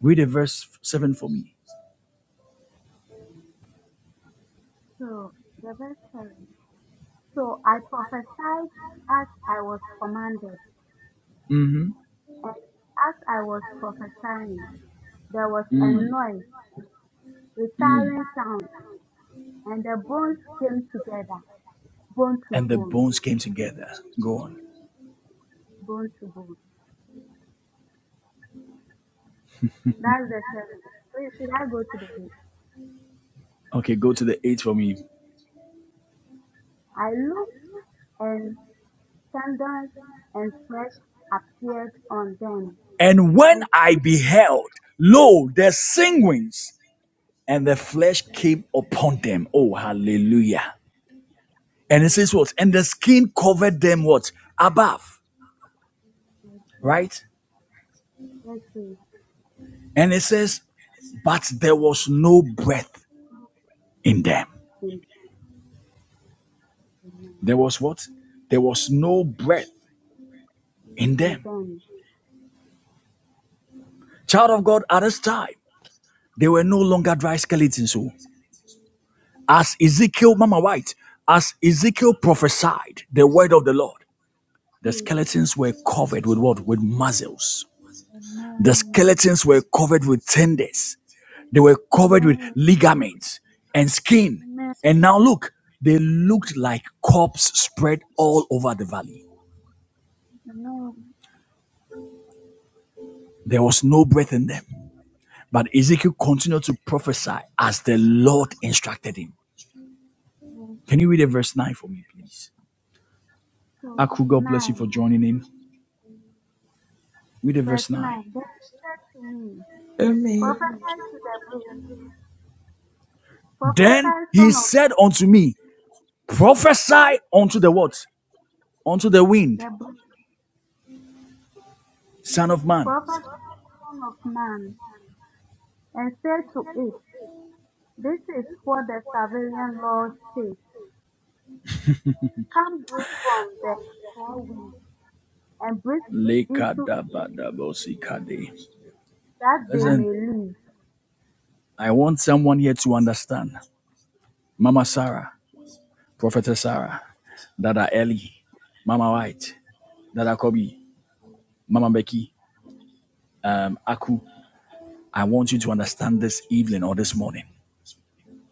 S1: Read the verse 7 for me.
S7: So, the verse seven. So I prophesied as I was commanded, and as I was prophesying, there was a noise, returning sound, and the bones came together, bone to
S1: and the
S7: bone,
S1: bones came together. Go on.
S7: bone to bone. That's the seven. Wait, should I go to the eight?
S1: Okay, go to the eight for me.
S7: I look. and sandals and flesh appeared on them,
S1: And when
S7: and
S1: I
S7: skin
S1: beheld, lo, their sanguines, and the flesh came upon them. Oh, hallelujah. And it says
S7: and
S1: what? And the skin covered them what? Above,
S7: flesh
S1: right?
S7: blessed
S1: And it says, but there was no breath in them.
S7: in them.
S1: There was what? There was no breath in
S7: In
S1: them.
S7: them.
S1: Child of God, at this time, they were no longer dry skeletons. Oh. As Ezekiel, Mama White, as Ezekiel prophesied the word of the Lord, the
S7: Two,
S1: skeletons were covered with what? With muscles. The skeletons were covered with tendons. They were covered with ligaments and skin. And now look, they looked like corpses spread all over the valley. There was no breath in them. But Ezekiel continued to prophesy as the Lord instructed him. Can you read a verse 9 for me, please?
S7: so
S1: Aku, God bless you for
S7: nine,
S1: joining in. Read a
S7: verse
S1: verse 9.
S7: nine. Then he said to me,
S8: Amen.
S7: Prophesy to the breeze,
S1: Then
S7: prophesy
S1: he
S7: son of
S1: said unto me, Prophesy unto the what? Unto the wind,
S7: the breeze,
S1: son of man.
S7: prophesy son of man, and say to it, This is what the sovereign Lord says. Come breathe from the four winds and breathe into that they
S1: Listen,
S7: may live.
S1: I want someone here to understand. Mama Sarah, Prophetess Sarah, Dada Ellie, Mama White, Dada Kobe, Mama Becky, um, Aku. I want you to understand this evening or this morning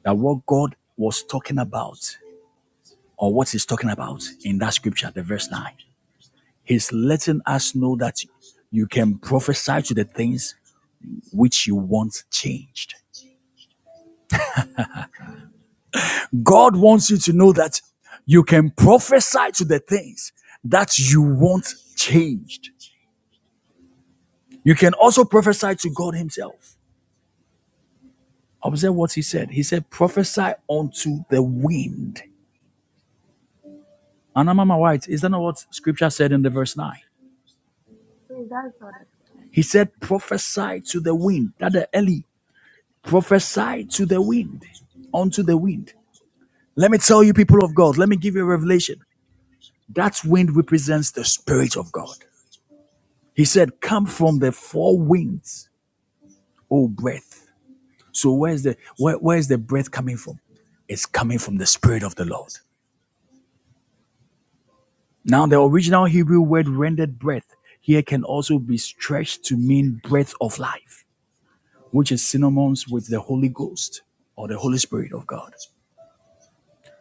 S1: that what God was talking about or what he's talking about in that scripture, the verse 9. He's letting us know that you can prophesy to the things which you want changed. God wants you to know that you can prophesy to the things that you want changed. You can also prophesy to God Himself. Observe what He said. He said, prophesy unto the wind. Anna Mama White, is that not what scripture said in the verse 9?
S7: Please, that's all that. sort of thing.
S1: He said, prophesy to the wind. That the Eli, prophesy to the wind, unto the wind. Let me tell you, people of God, let me give you a revelation. That wind represents the Spirit of God. He said, Come from the four winds, O breath. So where's the where, where's the breath coming from? It's coming from the Spirit of the Lord. Now, the original Hebrew word rendered breath here can also be stretched to mean breath of life, which is synonymous with the Holy Ghost or the Holy Spirit of God.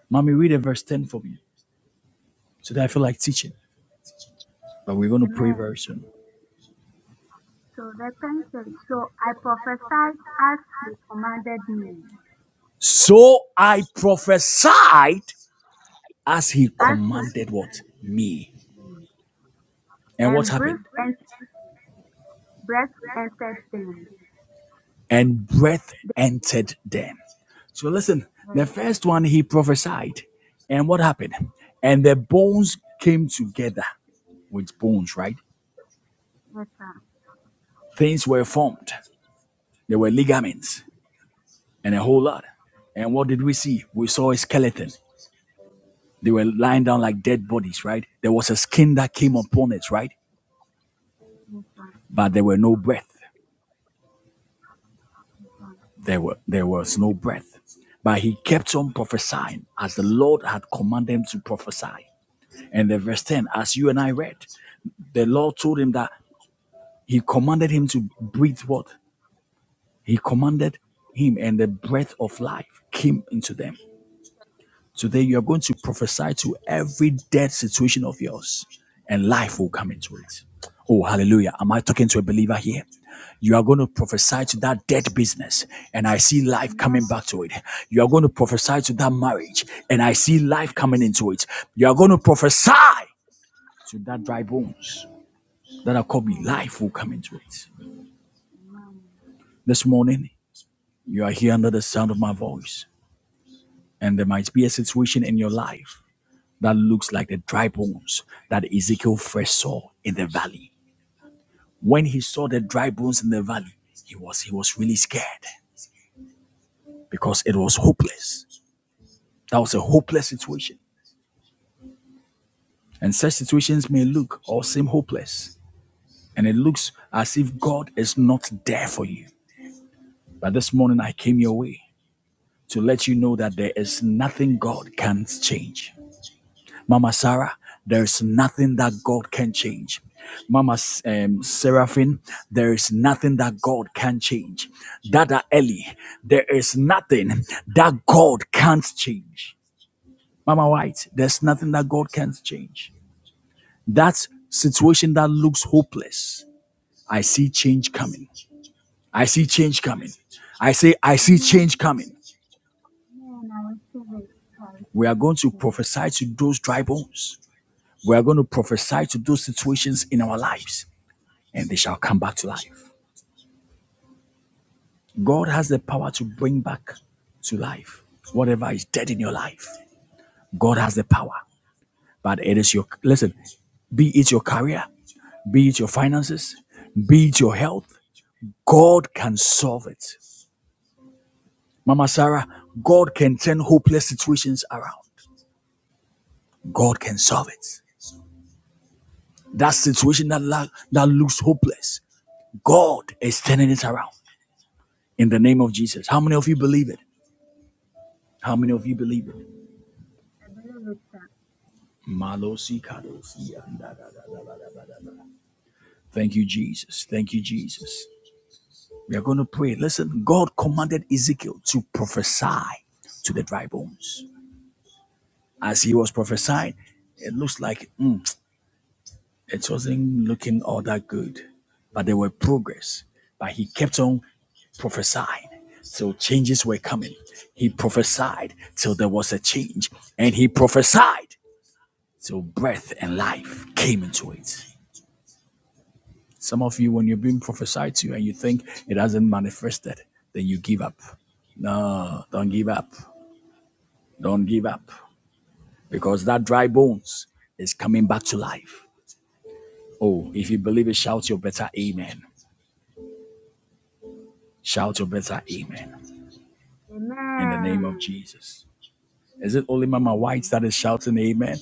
S1: Mommy, read a verse 10 for me. So that I feel like teaching. But we're going to pray very
S7: Amen.
S1: soon.
S7: So the 10 says, So I prophesied as he commanded me,
S1: So I prophesied as he
S7: as he
S1: commanded what?
S7: commanded,
S1: Me. And what
S7: and breath
S1: happened?
S7: and breath entered them.
S1: And breath
S7: They-
S1: entered them. So listen, the
S7: Yes,
S1: first one he prophesied. And what happened? And the bones came together with bones, right?
S7: yes, sir.
S1: Things were formed. There were ligaments and a whole lot. And what did we see? We saw a skeleton. They were lying down like dead bodies, right? There was a skin that came upon it, right? But there were no breath. There, were, there was no breath. But he kept on prophesying as the Lord had commanded him to prophesy. And the verse 10, as you and I read, the Lord told him that he commanded him to breathe what? He commanded him, and the breath of life came into them. Today, you are going to prophesy to every dead situation of yours, and life will come into it. Oh, hallelujah. Am I talking to a believer here? You are going to prophesy to that dead business, and I see life
S7: Amen.
S1: coming back to it. You are going to prophesy to that marriage, and I see life coming into it. You are going to prophesy to that dry bones that are coming.
S7: Amen.
S1: Life will come into it.
S7: Amen.
S1: This morning, you are here under the sound of my voice, and there might be a situation in your life that looks like the dry bones that Ezekiel first saw in the valley. When he saw the dry bones in the valley, he was he was really scared because it was hopeless. That was a hopeless situation. And such situations may look or seem hopeless. And it looks as if God is not there for you. But this morning I came your way to let you know that there is nothing God can't change. Mama Sarah, there's nothing that God can change. Mama um, Seraphine, there is nothing that God can change. Dada Eli, there is nothing that God can't change. Mama White, there's nothing that God can't change. That situation that looks hopeless, I see change coming. I see change coming. I say, I see
S7: Amen.
S1: change coming.
S7: Amen. I receive it. I receive
S1: We are going
S7: it.
S1: to
S7: Thank you, sir.
S1: prophesy to those dry bones. We are going to prophesy to those situations in our lives. and they shall come back to life. God has the power to bring back to life whatever is dead in your life. God has the power, but it is your listen. Be it your career, be it your finances, be it your health. God can solve it. Mama Sarah, God can turn hopeless situations around. God can solve it. That situation that, la- that looks hopeless, God is turning it around in the name of Jesus. How many of you believe it? How many of you believe it? Malosi kadosi anda da da da da da da da. Thank you, Jesus. Thank you, Jesus. We are going to pray. Listen, God commanded Ezekiel to prophesy to the dry bones. As he was prophesying, it looks like mm, it wasn't looking all that good, but there were progress. But he kept on prophesying till changes were coming. He prophesied till there was a change, and he prophesied till breath and life came into it. Some of you, when you're being prophesied to and you think it hasn't manifested, then you give up. No, don't give up. Don't give up because that dry bones is coming back to life. Oh, if you believe it, shout your better amen. Shout your better amen in the name of
S7: Amen.
S1: Jesus. Is it only Mama White
S7: Amen.
S1: that is shouting amen?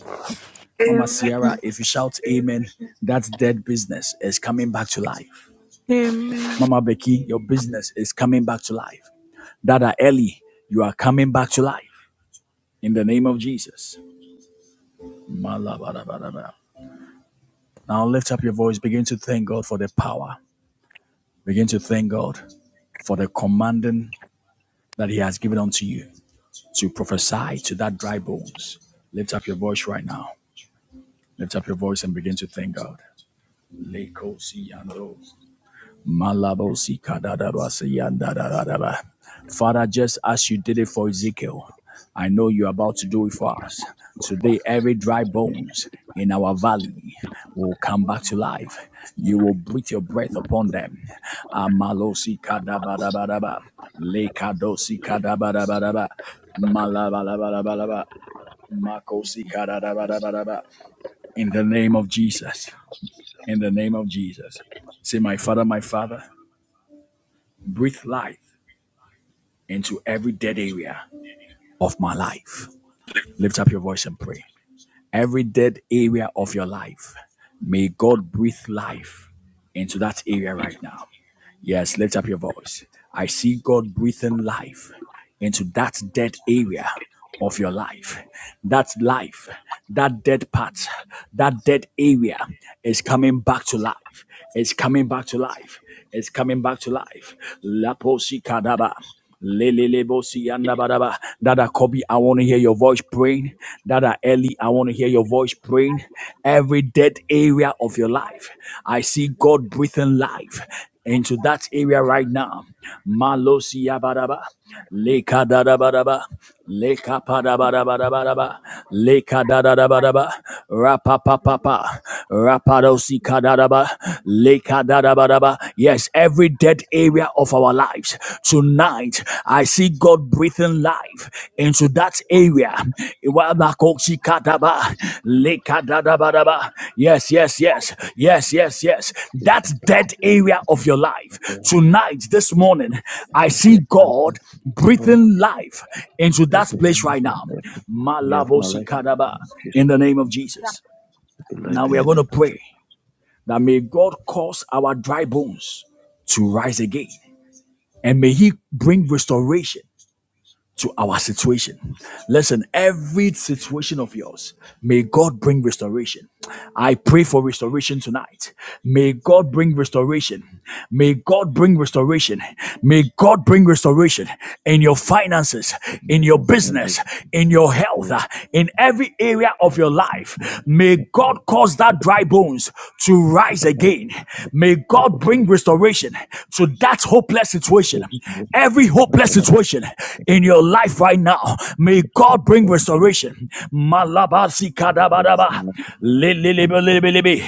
S1: Mama Sierra,
S8: Amen.
S1: if you shout amen, that's dead business is coming back to life.
S8: Amen.
S1: Mama Becky, your business is coming back to life. Dada Ellie, you are coming back to life. in the name of Jesus. Malabarabaraba. Now lift up your voice, begin to thank God for the power. Begin to thank God for the commanding that He has given unto you to prophesy to that dry bones. Lift up your voice right now. Lift up your voice and begin to thank God. Lekosiyando. Malabosi kadadabasi yandadadadaba. Father, just as you did it for Ezekiel, I know you're about to do it for us. Today, every dry bones in our valley will come back to life. You will breathe your breath upon them. Amalosi kadabadabadaba. Lekadosi kadabadabadaba. Malabalabalabalaba. Makosi kadadabadabadaba. In the name of Jesus. In the name of Jesus. Say, my father, my father breathe life into every dead area of my life. Lift up your voice and pray. Every dead area of your life, may God breathe life into that area right now. Yes, lift up your voice. I see God breathing life into that dead area of your life. That life, that dead part, that dead area is coming back to life. It's coming back to life. It's coming back to life. Laposi kadaba. Lelelebosi yanda badaba. Dada Kobe, I want to hear your voice praying. Dada Ellie, I want to hear your voice praying. Every dead area of your life, I see God breathing life into that area right now. Malosi yabadaba. Leka dadabadaba. Leka padabadabadabadaba. Leka dadadabadaba. Rapapapapa. Rapadosi kadadaba. Leka dadabadaba. Yes, every dead area of our lives. Tonight, I see God breathing life into that area. Iwabakosi kadaba. Leka dadabadaba. Yes, yes, yes. Yes, yes, yes.
S4: Yes,
S1: That dead area of your life. Tonight, this morning, I see God
S4: Lord.
S1: breathing life into
S4: Be
S1: that
S4: life
S1: place right
S4: in
S1: now.
S4: every area of my
S1: Malabosi
S4: life,
S1: kadaba
S4: in
S1: in
S4: Jesus.
S1: the name of Jesus.
S4: Be
S1: Now
S4: life
S1: we
S4: in
S1: are going
S4: every
S1: to
S4: way.
S1: pray that may God cause our dry bones to rise again and may he bring restoration to our situation. Listen, every situation of yours, may God bring restoration. I pray for restoration tonight. May God bring restoration. May God bring restoration. May God bring restoration in your finances, in your
S4: In the name of
S1: business, in your
S4: the
S1: health, uh, in every area of your
S4: person who is
S1: life. May
S4: not my
S1: God
S4: friend,
S1: cause
S4: the
S1: that dry
S4: person
S1: bones to
S4: that
S1: rise
S4: I like,
S1: again. May
S4: the
S1: God
S4: person that I
S1: bring
S4: love,
S1: restoration situation, to that hopeless
S4: the
S1: situation,
S4: person that I love,
S1: every
S4: the person that I
S1: hopeless
S4: love, the
S1: situation in your life right now, may God bring
S4: person
S1: restoration. Malabasi
S4: that I
S1: kadabadaba,
S4: that I love, the
S1: lililibelibelibi,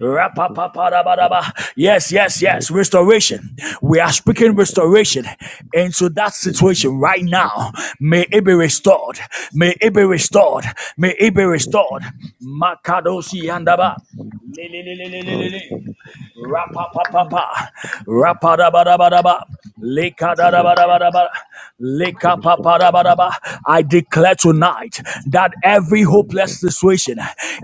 S1: rapapapadabadaba. Yes, yes, yes, restoration. We are speaking restoration into that
S4: person
S1: situation right now. May it be restored. May it be restored. May it be restored. Makadosi andaba.
S4: that I love.
S1: Lilililililili pa pa pa,
S4: And
S1: pa rapa da ba da ba da ba, leka da da, ba da ba da Rapapapapa. Rapadabadabadaba. da
S4: when you start to
S1: Likapapadabadaba. I declare tonight that every
S4: prepare
S1: hopeless
S4: yourself
S1: situation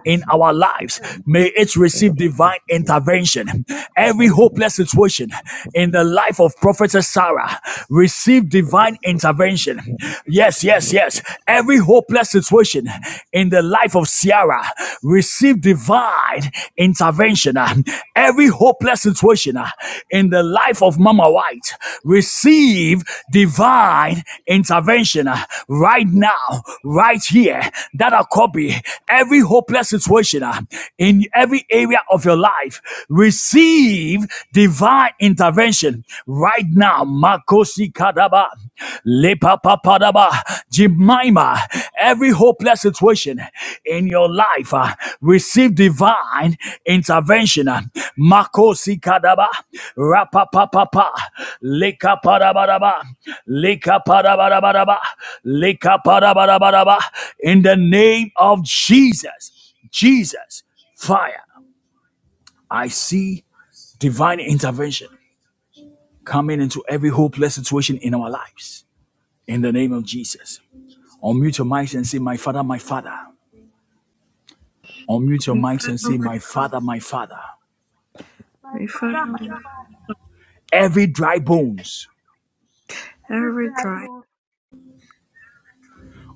S1: in our
S4: to
S1: lives may it
S4: stand
S1: receive
S4: out
S1: divine intervention. Every
S4: mind,
S1: hopeless situation in the life of Prophetess Sarah receive divine intervention. Yes, yes, yes. Every hopeless situation intervention in the life of Sierra. Receive divine intervention. uh, Every hopeless situation uh, in the life of Mama White. Receive divine intervention uh, right now, right here. That are copy every hopeless situation uh, in every area of your life. Receive divine intervention right now. Makosi Kadaba. Lepapapadaba, Jemima, every hopeless situation in your life, uh, receive divine intervention. Makosikadaba, Rapapapapa, Lekapadabadaba, Lekapadabadabadaba, Lekapadabadabadaba, in the name of Jesus, Jesus, fire. I see divine intervention coming into every hopeless situation in our lives. In the name of Jesus. Unmute your mics and say, My father, my father. Unmute your
S8: My
S1: mics and
S8: Father,
S1: say,
S8: my
S1: My
S8: God,
S1: father, my father.
S7: My
S8: my
S7: father,
S8: Father,
S7: my
S8: on
S7: father,
S1: Every dry bones
S7: every
S8: every
S7: tribe
S8: dry
S7: of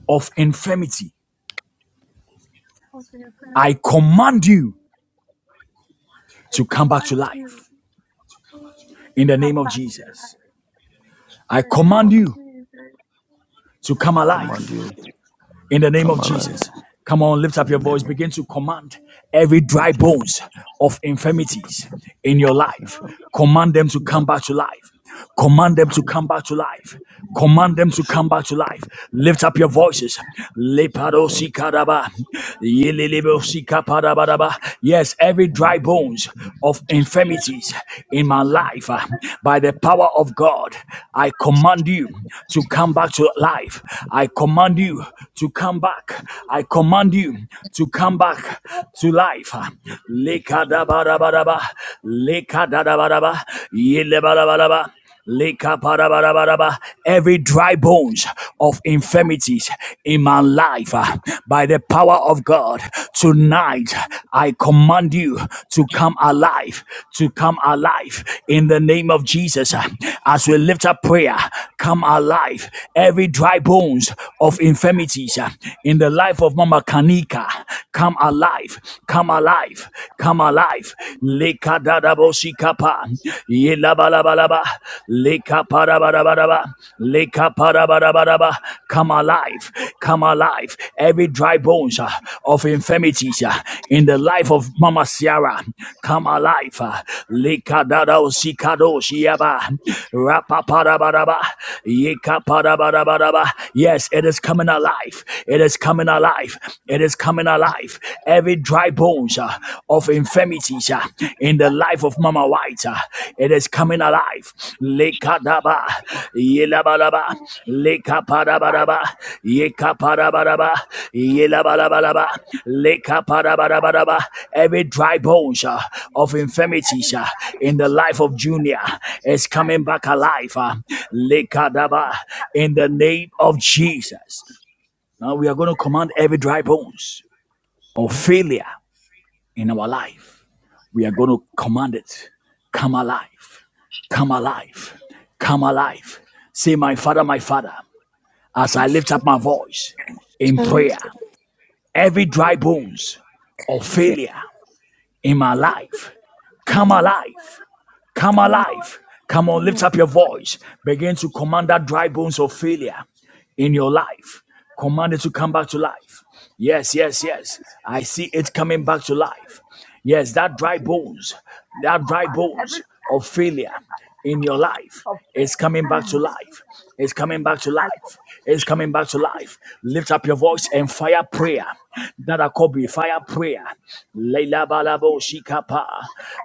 S1: of infirmity,
S7: of
S1: I
S7: insanity,
S1: command you
S7: I
S1: to come back to
S7: command
S1: life in the name of Jesus. I command you to come
S4: I command
S1: alive
S4: you to
S1: in the name
S4: come
S1: of
S4: alive
S1: Jesus. Come on, lift up
S4: in the
S1: your
S4: name
S1: voice.
S4: of the
S1: Begin to command every dry
S4: mighty name of the
S1: bones of
S4: Lord.
S1: infirmities in your
S4: I can
S1: life.
S4: feel
S1: Command them to
S4: my
S1: come back to life. Command them to
S4: mind
S1: come
S4: to
S1: back to life. Command them to
S4: this.
S1: come back to life. Lift up your
S4: I'm not
S1: voices.
S4: going to the
S1: Yes, every
S4: family.
S1: dry bones of
S4: Jesus.
S1: infirmities in my life, uh, by the power of God, I command you to come back to life. I command you to come back. I command you to come back to life. Lekadabarabaraba, lekadadabaraba, yelebarabaraba, lekaparabaraba. Every dry bones of infirmities in my life, uh, by the power of God, tonight I command you to come alive, to come alive in the name of Jesus. Uh, As we lift up prayer, come alive. Every dry bones of infirmity infirmities uh, in the life of Mama Kanika come alive, come alive, come alive. Lekadadabosikapa, yelabalabalaba, lekaparabarabarabar, lekaparabarabarabar. Come alive, come alive. Every dry bones uh, of infirmities uh, in the life of Mama Sierra come alive. uh, lekadadabosikadoshiaba, rapaparabaraba, yekaparabarabarabar. Yes, it is coming alive alive. It is coming alive. It is coming alive. Every dry bones uh, of infirmities uh, in the life of Mama White, uh, it is coming alive. Lekadaba, yelabalaba, lekapadabaraba, yekapadabaraba, yelabalabalaba, lekapadabaraba. Every dry bones uh, of infirmities uh, in the life of Junior is coming back alive. uh, lekadaba, in the name of Jesus. Now we are going to command every dry bones or failure in our life. We are going to command it. Come alive. Come alive. Come alive. Say, My Father, my Father, as I
S8: place.
S1: lift up my voice in
S8: Challenge
S1: prayer,
S8: the
S1: every dry bones of
S8: prophetic
S1: failure in my life, come
S8: man.
S1: alive. Come
S8: Come on,
S1: alive. Come on,
S8: come
S1: lift
S8: on.
S1: up your voice. Begin to command that dry bones of failure in your life. Command it to come back to life. Yes, yes, yes. I see it coming back to life. Yes, that dry bones, that dry bones of failure in your life is coming back to life. It's coming back to life. It's coming back to life. Lift up your voice and fire prayer that are called fire prayer. Leila balabo shikapa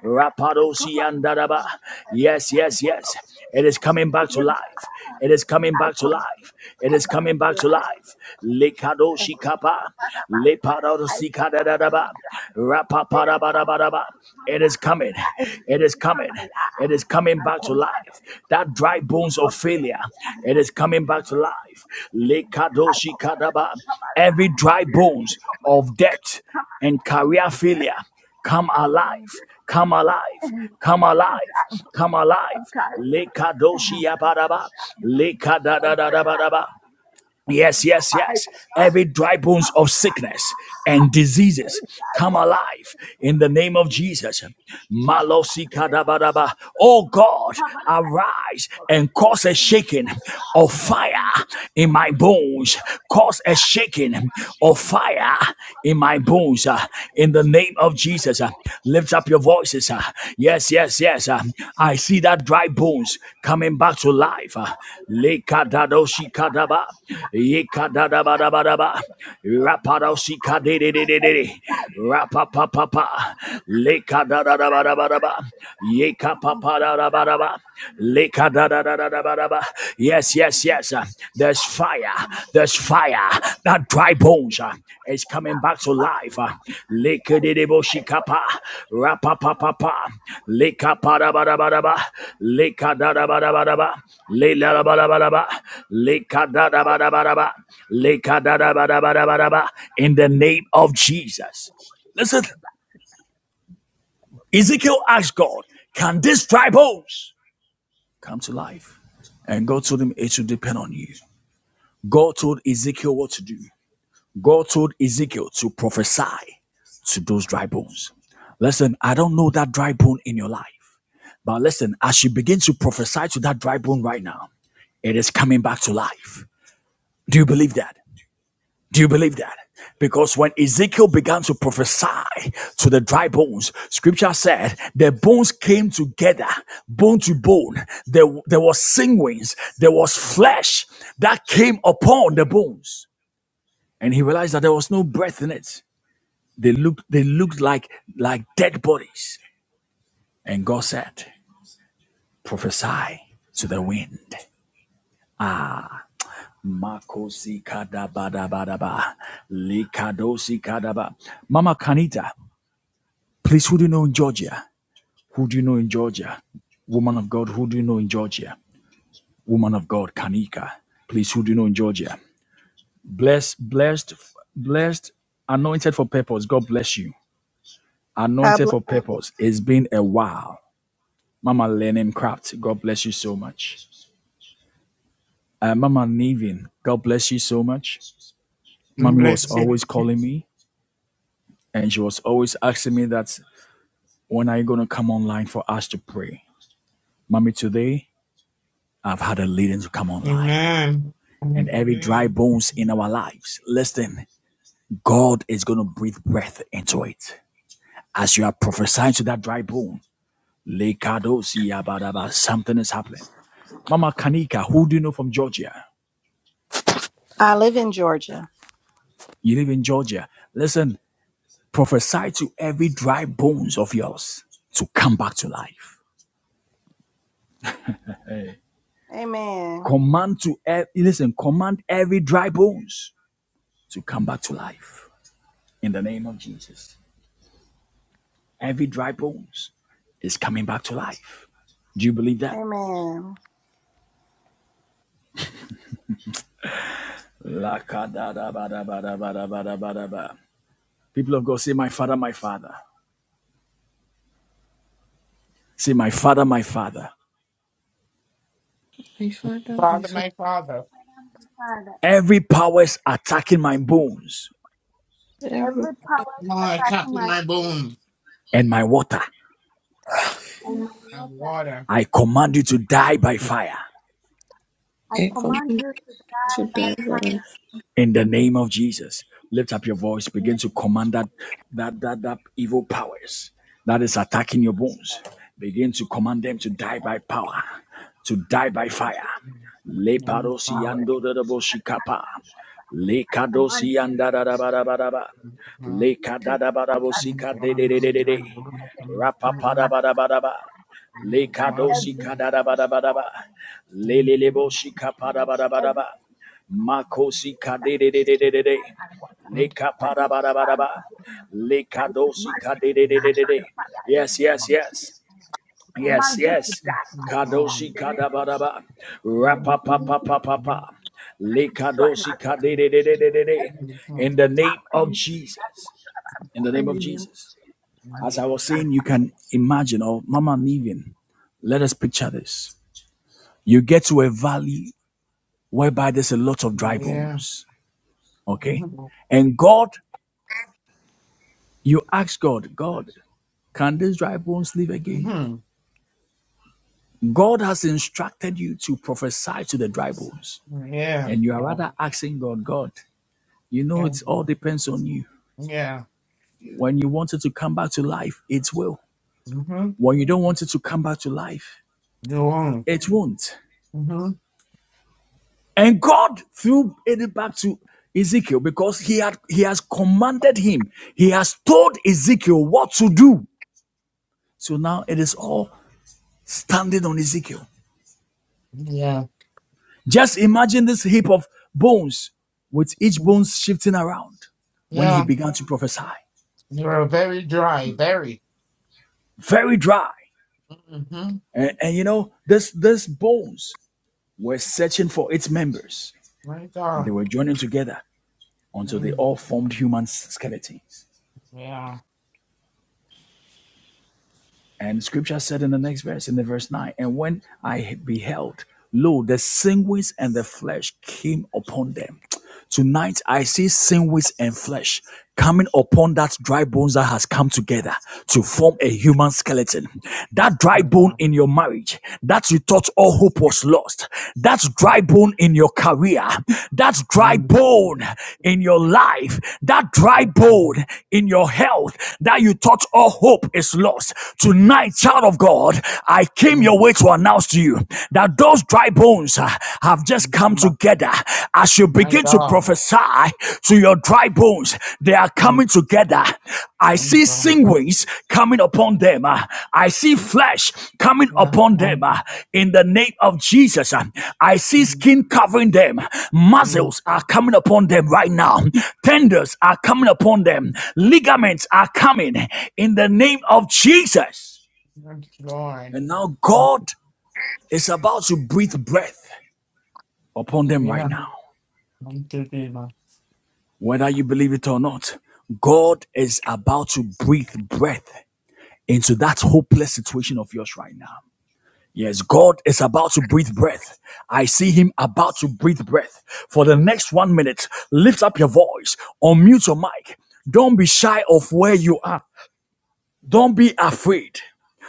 S1: rapado siandaraba. Yes, yes, yes. It is coming back to life. It is coming back to life. It is coming back to life. Lekado shikapa lepado sikadadadaba rapaparabarabaraba. It is coming. It is coming. It is coming back to life. That dry bones of failure. It is coming back to life. Lekadoshi kadaba every dry bones of debt and career failure come alive come alive come alive come alive lekadoshi yabaraba lekadadadabadaba Yes, yes, yes. Every dry bones of sickness and diseases come alive in the name of Jesus. Malosi kadabadaba. Oh God, arise and cause a shaking of fire in my bones. Cause a shaking of fire in my bones. uh, In the name of Jesus, Uh, lift lift up your voices. uh, yes, yes, yes. uh, I see that dry bones coming back to life. Uh, Lekadadoshikadaba, yekadadabadabadaba, rapadoshikadedededede, rapapapapa, lekadadadabadabadaba, yekapapadadabadaba, lekadadadadabadaba. Yes, yes, yes. There's fire. There's fire. That dry bones uh, is coming back to life. Uh, Likididiboshikapa. Rapapapapa. Likapadabadabadaba. Likadadabadabadaba. Liladabadabadaba. Likadadabadabadaba. Likadadabadabadabadaba. In the name of Jesus. Listen, Ezekiel asked God, Can these dry bones come to life? And God told him, It should depend on you. God told Ezekiel what to do. God told Ezekiel to prophesy to those dry bones. Listen, I don't know that dry bone in your life, but listen, as you begin to prophesy to that dry bone right now, it is coming back to life. Do you believe that? Do you believe that? Because when Ezekiel began to prophesy to the dry bones, scripture said the bones came together, bone to bone. There, there was sinews, there was flesh that came upon the bones and he realized that there was no breath in it. They looked, they looked like like dead bodies. And God said, "Prophesy to the wind." Makosi kadabadabadaba, likadosi kadaba. Mama Kanita, please, who do you know in Georgia? Who do you know in Georgia? Woman of God, who do you know in Georgia? Woman of God, Kanika, please, who do you know in Georgia? Blessed, blessed, blessed, anointed for purpose. God bless you.
S9: God
S1: Anointed
S9: bless.
S1: for purpose. It's been a while Mama Lenin Craft, God bless you so much. Uh, Mama Nevin, God bless you so much.
S10: And
S1: Mommy was
S10: bless you.
S1: always calling me and she was always asking me that when are you going to come online for us to pray? Mommy, today I've had a leading to come online.
S10: Amen.
S1: And every dry bones in our lives, listen, God is going to breathe breath into it. As you are prophesying to that dry bone, Lekadosi Abadaba, something is happening. Mama Kanika, who do you know from Georgia?
S9: I live in Georgia.
S1: You live in Georgia. Listen, prophesy to every dry bones of yours to come back to life
S9: Amen.
S1: command to ev- listen command every dry bones to come back to life in the name of jesus every dry bones is coming back to life do you believe that
S9: Amen.
S1: Lakadadabadabadabadabadabadaba. people of god say my father my father say my father my father
S8: My Father, my
S10: Father,
S8: Father,
S10: my Father,
S7: them, my father.
S1: every powers attacking my bones
S8: Every
S7: every power
S10: Lord, tap
S7: attacking
S10: in
S7: my
S10: my
S7: food
S10: bones
S1: and my water
S7: and my
S10: and
S7: water.
S10: water.
S1: i command you to die by fire
S7: I
S8: I
S7: command
S8: command
S7: you to die
S8: to
S7: by fire.
S8: deliverance.
S1: in the name of jesus lift up your voice begin to
S7: Amen.
S1: command that that that, that evil powers that is attacking your bones begin to command them to die by power to die by fire le parosi ando da da bo le kadosi anda da da ba da ba da ba le kadada ba da bo si de de de de de de rapa da ba da ba da ba le kadosi kadada ba da ba da ba le le le bo da ba da ba da ba Makosi kadede de, de de de de. Leka para parabarabaraba. Leka dosi kadede de, de de de. Yes, yes, yes. Yes, yes. Kadosi kadabaraba. Rapapapapapapa. Leka de de, de de de. In the name of Jesus. In the name of Jesus. As I was saying, you can imagine, or Mama Nivian, let us picture this. You get to a valley whereby there's a lot of dry
S10: Yeah.
S1: bones Okay. And God, you ask God, God, can these dry bones live again?
S10: Mhm.
S1: God has instructed you to prophesy to the dry bones.
S10: Yeah.
S1: And you are rather asking God, God, you know,
S10: Yeah.
S1: it all depends on you.
S10: Yeah.
S1: When you want it to come back to life, it will.
S10: Mm-hmm.
S1: When you don't want it to come back to life,
S10: You are.
S1: it won't.
S10: Mm-hmm.
S1: And God threw it back to Ezekiel because he had he has commanded him. He has told Ezekiel what to do. So now it is all standing on Ezekiel.
S10: Yeah.
S1: Just imagine this heap of bones with each bone shifting around when he
S10: Yeah.
S1: began to prophesy.
S10: You are very dry. Very.
S1: Very dry.
S10: Mm-hmm.
S1: And, and you know, this these bones were searching for its members
S10: My
S1: and they
S10: God.
S1: were joining together until they
S10: Mm.
S1: all formed human skeletons.
S10: Yeah.
S1: And scripture said in the next verse, in the verse 9, and when I beheld, lo, the sinews and the flesh came upon them Tonight I see sin, waste, and flesh coming upon that dry bones that has come together to form a human skeleton. That dry bone
S10: Yeah.
S1: in your marriage that you thought all hope was lost. That dry bone in your career. That dry
S10: Mm.
S1: bone in your life. That dry bone in your health that you thought all hope is lost. Tonight, child of God, I came
S10: Mm.
S1: your way to announce to you that those dry bones uh, have just come
S10: Mm.
S1: together. As you
S10: My
S1: begin to
S10: God.
S1: prophesy to your dry bones, they are
S10: Mm.
S1: coming together. I
S10: My
S1: see
S10: God.
S1: sinews coming upon them. uh, I see flesh coming
S10: Yes.
S1: upon them
S10: Mm.
S1: uh, in the name of Jesus. uh, I see skin covering them.
S10: Mm.
S1: Muscles are coming upon them right now. Tendons are coming upon them. Ligaments are coming in the name of Jesus.
S10: My Lord.
S1: And now God is about to breathe breath upon them right
S10: Yeah.
S1: now.
S10: Thank you, Jesus.
S1: Whether you believe it or not, God is about to breathe breath into that hopeless situation of yours right now. Yes, God is about to breathe breath. I see Him about to breathe breath. For the next one minute, lift up your voice, unmute your mic. Don't be shy of where you are. Don't be afraid.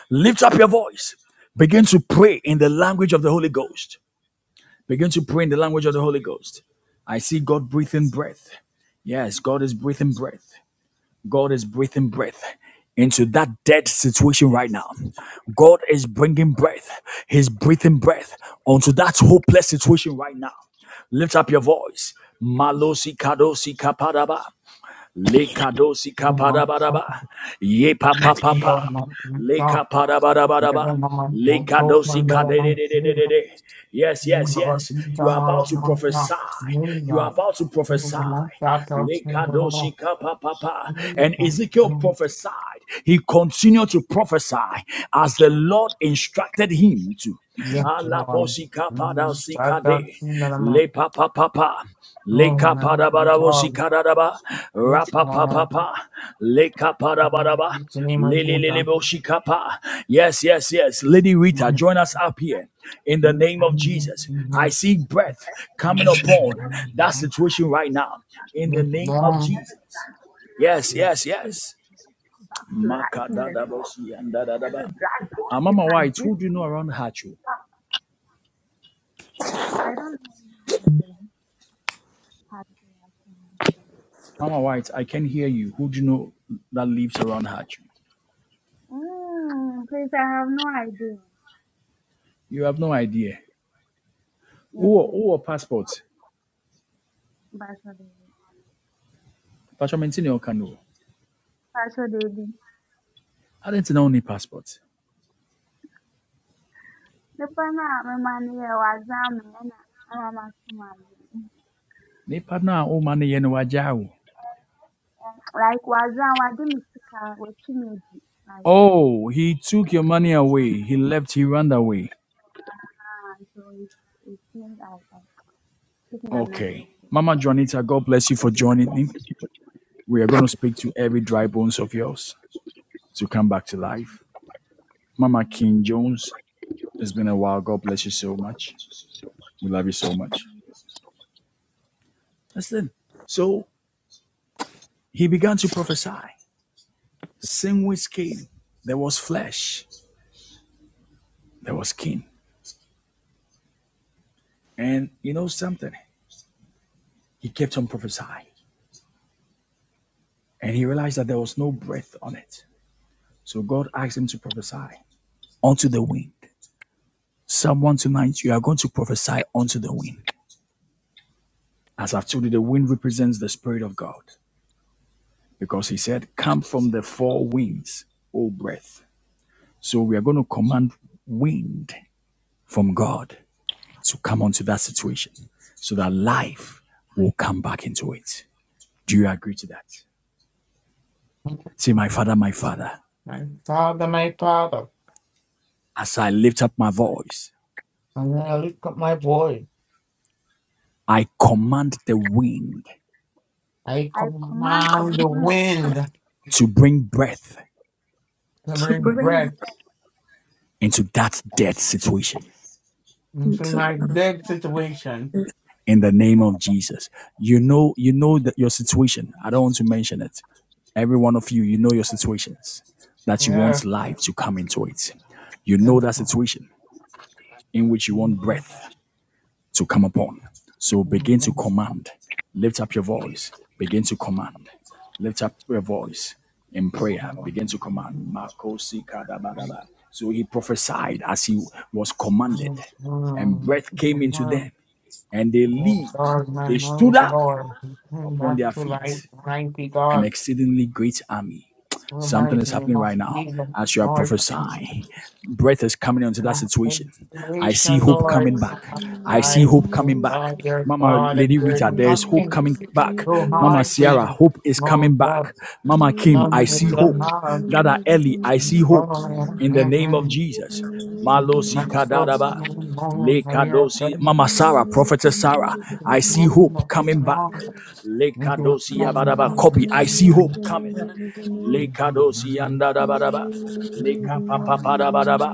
S1: Lift up your voice. Begin to pray in the language of the Holy Ghost. Begin to pray in the language of the Holy Ghost. I see God breathing breath. Yes, God is breathing breath. God is breathing breath into that dead situation right now. God is bringing breath. He's breathing breath onto that hopeless situation right now. Lift up your voice. Malosi kadosi kapadaba. Lekadosi
S10: Mm. Mm. Mm.
S1: kaparabaraba. Ye
S10: Mm. Mm.
S1: papa
S10: Mm. Mm.
S1: papa. Lekaparabaraba.
S10: Mm. Mm.
S1: Lekadosi
S10: Mm. Mm. Mm.
S1: kadededededede. Yes,
S10: My
S1: yes,
S10: father,
S1: yes.
S10: my
S1: You are about to
S10: father,
S1: prophesy. You are about to prophesy. Lekadoshi kapapapa. And Ezekiel prophesied. He continued to prophesy as the Lord instructed him to. Alabosi kapadasi Kade, le pa pa pa pa, le ka pa da ba da wo si ka da da ba, ra pa pa pa pa, le ka pa da ba da ba, le le le le bo si ka pa. Yes, yes, yes. Lady Rita, join us up here in the name of Jesus. I see breath coming upon that situation right now in the name of Jesus. Yes, yes, yes. Maka da da bo si an da da da ba. Ah, Mama, why? Who do you know around Hachu? Mama White, I can hear you. Who do you know that lives around Hatch?
S7: Mm, please, I have no idea.
S1: You have no idea.
S7: Yes,
S1: Who
S7: sir.
S1: who passport?
S7: Basho Devi.
S1: Pastor Mentini Okano.
S7: Basho Devi.
S1: I didn't know any passport.
S7: Nipa na memani ya wazame na ama masumaji.
S1: Ne partner o money yen wajao.
S7: Like wazame wadi misika wechimeji. Like,
S1: Oh, he took your money away. He left, he ran away.
S7: ah, so it, it means I, I took my mind
S1: Okay.
S7: off it.
S1: Mama Juanita, God bless you for joining me. We are going to speak to every dry bones of yours to come back to life. Mama King Jones, it's been a while. God bless you so much. We love you so much. Listen. So he began to prophesy. Sandwich came. There was flesh. There was skin. And you know something? He kept on prophesying. And he realized that there was no breath on it. So God asked him to prophesy unto the wind. Someone tonight, you are going to prophesy unto the wind. As I've told you, the wind represents the Spirit of God. Because he said, Come from the four winds, O breath. So we are going to command wind from God to come onto that situation so that life will come back into it. Do you agree to that? Say, My Father, my Father, as I lift up my voice,
S10: and then I lift up my voice.
S1: I command the wind
S10: I
S7: I command
S8: come
S10: command
S8: on
S7: the
S10: the
S7: wind
S10: wind
S1: to bring breath
S10: to
S8: to
S7: to
S10: bring
S8: bring
S7: bring
S8: me
S10: breath.
S1: into that dead situation
S10: It's in
S8: into
S10: my dead situation.
S8: this.
S1: in the name of Jesus. You know, you know that your situation. I don't want to mention it. Every one of you, you know your situations that you
S10: Yeah.
S1: want life to come into it. You know
S10: That's
S1: that
S10: all.
S1: situation in which you want
S10: Oh,
S1: breath to come upon. So begin to command. Lift up your voice. Begin to command. Lift up your voice in prayer. Begin to command. Makosi kadabadaba. So he prophesied as he was commanded, and breath came into them, and they lived.
S10: God, my
S1: They stood
S10: knowledge,
S1: up
S10: Lord,
S1: upon
S10: back
S1: their
S10: to life,
S1: feet,
S10: mighty
S1: an
S10: God,
S1: exceedingly great army. Something is
S10: Almighty, me
S1: happening
S10: of
S1: right now
S10: the
S1: as you are
S10: Lord,
S1: prophesying. Breath is coming into that situation. I see
S10: situation,
S1: hope coming
S10: Lord,
S1: back.
S10: of
S1: I see
S10: life,
S1: hope coming
S10: oh
S1: back.
S10: God, your
S1: Mama
S10: God, and
S1: Lady
S10: there is
S1: Rita, there is hope
S10: nothing
S1: coming back.
S10: too
S1: Mama
S10: hard for
S1: Sierra,
S10: you,
S1: hope is coming
S10: no God,
S1: back. Mama Kim,
S10: no,
S1: I
S10: you
S1: see hope.
S10: cannot.
S1: Dada Ellie, I see hope in the name of Jesus. Malosi Kadaraba. Lekadosi, Mama Sarah, Prophetess Sarah, I see hope coming back. Lekadosi Yabadaba, Kobe, I see hope coming. Lekadosi anda da ba da ba. Leka pa pa pa da ba da ba.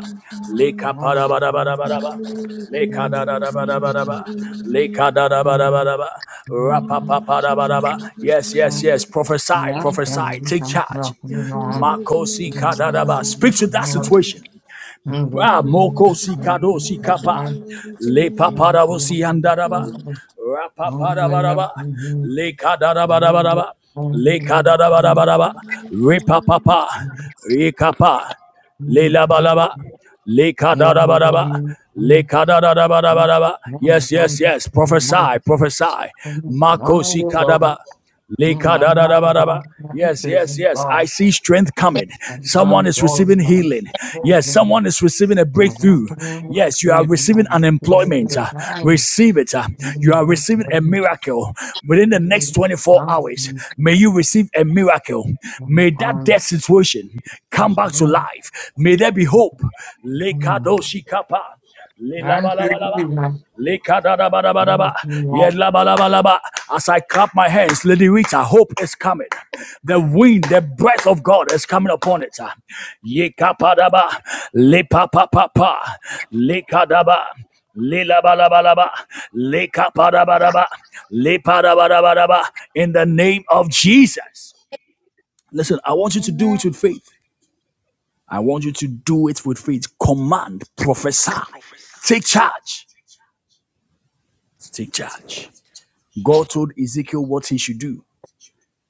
S1: Leka pa da ba da ba da ba da ba. Leka da da da ba da ba da ba. Leka da da ba da ba da ba. Ra pa pa pa da ba da ba. Yes, yes, yes. Prophesy, prophesy. Take charge. Makosi kadadaba. Speak to that situation. Ah, moko sikado sikapa. Le paparabosi andaraba.
S10: Yeah. I'm
S1: Rapaparabaraba. Le kadarabaraba. Le kadarabaraba. Repapapa. Rekapa. Le labalaba. Le kadarabaraba. Le kadarabaraba. Yes, yes, yes. Prophesy, prophesy. Makosi kadaba. Lekadadadabadaba. Yes, yes, yes. I see strength coming. Someone is receiving healing. Yes, someone is receiving a breakthrough. Yes, you are receiving unemployment. Uh, receive it. Uh, you are receiving a miracle within the next 24 hours. May you receive a miracle. May that death situation come back to life. May there be hope. Lekadoshikapa. Lelabalabalaba. Likadadabadabadaba.
S10: Yes, Lord.
S1: Yedlabalabalaba. As I clap my hands, Lady Rita, hope is coming. The wind, the breath of God is coming upon it. Yikapadaba, lipapapapa, likadaba, lilabalabalaba, likapadabadaba, lipadabadabadaba. In the name of Jesus. Listen, I want you to do
S7: Amen.
S1: it with faith. I want you to do it with faith. Command, prophesy, take charge, take charge. God told Ezekiel what he should do.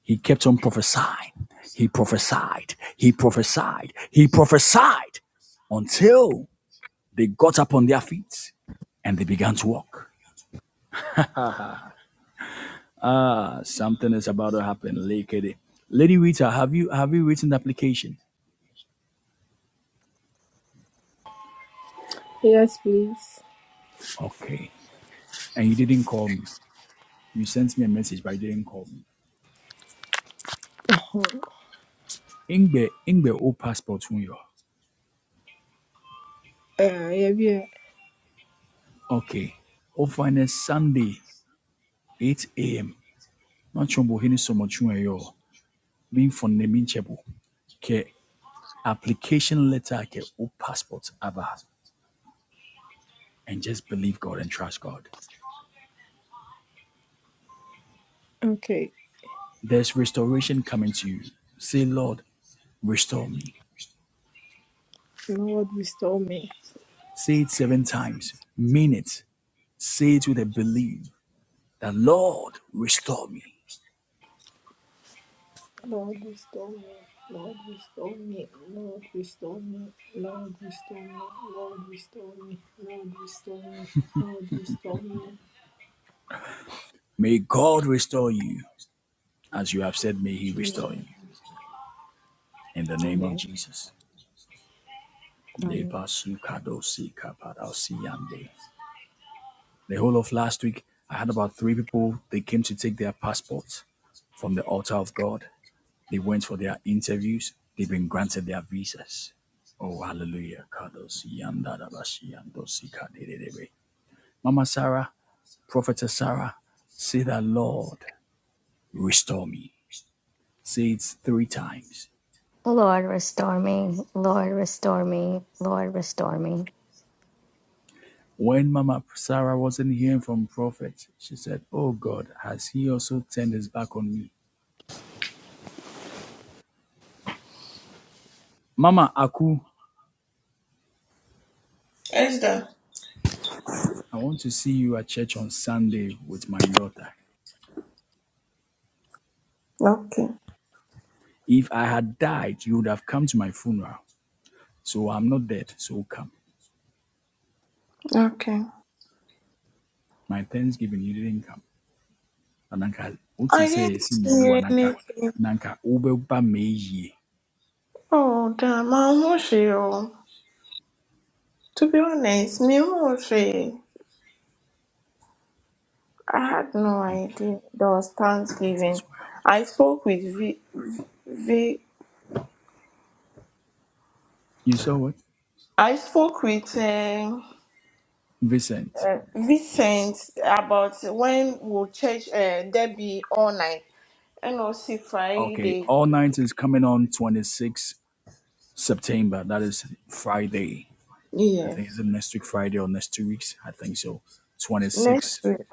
S1: He kept on prophesying. He prophesied. He prophesied. He prophesied until they got up on their feet and they began to walk. Uh, something is about to happen. Lady, Lady Rita, have you have you written the application?
S11: Yes, please.
S1: Okay. And you didn't call me. You sent me a message, but you didn't call me.
S11: uh,
S1: Ingbe, Ingbe, old passport, you are.
S11: yeah, yeah.
S1: Okay. Oh, fine, Sunday, 8 a.m. Not sure, but so much, you are. being for nemin Neminchebo. ke application letter ke o passport aba and just believe god and trust god
S11: Okay.
S1: there's restoration coming to you say lord restore me
S11: Lord, restore me.
S1: say it seven times mean it say it with a belief that lord restore me
S11: Lord, restore me. Lord, restore me. Lord, restore me. Lord, restore me. Lord, restore me. Lord, restore me. Lord, restore me.
S1: may god restore you as you have said may he restore
S11: Amen.
S1: you in the name of
S11: Amen.
S1: jesus
S11: Amen.
S1: Lepa sukado sika parao siyande. The whole of last week, I had about three people. They came to take their passports from the altar of God. They went for their interviews. They've been granted their visas. Oh, hallelujah. Mama Sarah, Prophetess Sarah, say that, Lord, restore me. Say it three times.
S12: Lord, restore me. Lord, restore me. Lord, restore me.
S1: When Mama Sarah wasn't hearing from Prophet, she said, Oh God, has he also turned his back on me? Mama Aku
S8: Esther.
S1: I want to see you at church on Sunday with my daughter.
S8: Okay.
S1: If I had died, you would have come to my funeral. So I'm not dead, so come.
S8: Okay.
S1: My Thanksgiving, you didn't come. Ananka, what to
S8: I didn't
S1: say, see me, who
S8: see
S1: Ananka,
S8: anything.
S1: Nanka, Ubeba me ye.
S8: Oh damn, I'm not sure. To be honest, me I'm sure. I had no idea there was
S1: It
S8: Thanksgiving.
S1: is well.
S8: I spoke with V. v
S1: You saw what?
S8: I spoke with um
S1: Vincent.
S8: uh, Vincent about when will church uh, there be all night NOC
S1: Okay,
S8: Friday.
S1: All Night is coming on 26 September. That is Friday. I think it's
S8: Yes,
S1: next week, Friday or next two weeks. I think so. 26.
S8: next week.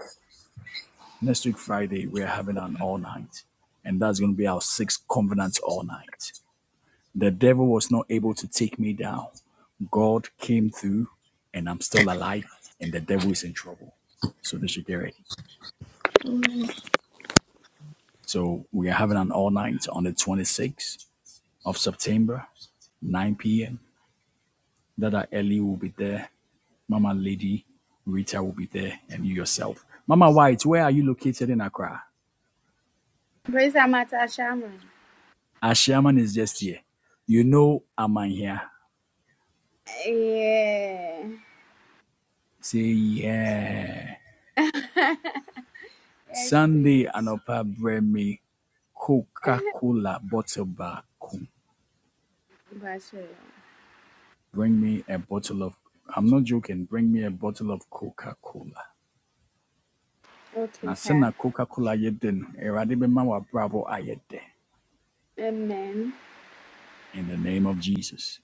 S1: Next week, Friday, we're having an all night, and that's going to be our sixth covenant all night. The devil was not able to take me down. God came through, and I'm still alive, and the devil is in trouble. So they should get ready.
S8: Amen.
S1: So we are having an all night on the 26th of September, 9 p.m. Dada Ellie will be there. Mama Lady Rita will be there, and you yourself. Mama White, where are you located in Accra?
S7: Praise Amata Shama.
S1: Ashiaman is just here. You know I'm here.
S7: Yeah.
S1: Say, yeah. Sunday Anopa bring me Coca-Cola bottle back. home. Bring me a bottle of I'm not joking, bring me a bottle of Coca-Cola. Now send a Coca-Cola yedin. Eradibema wa bravo ayede. In the name of Jesus.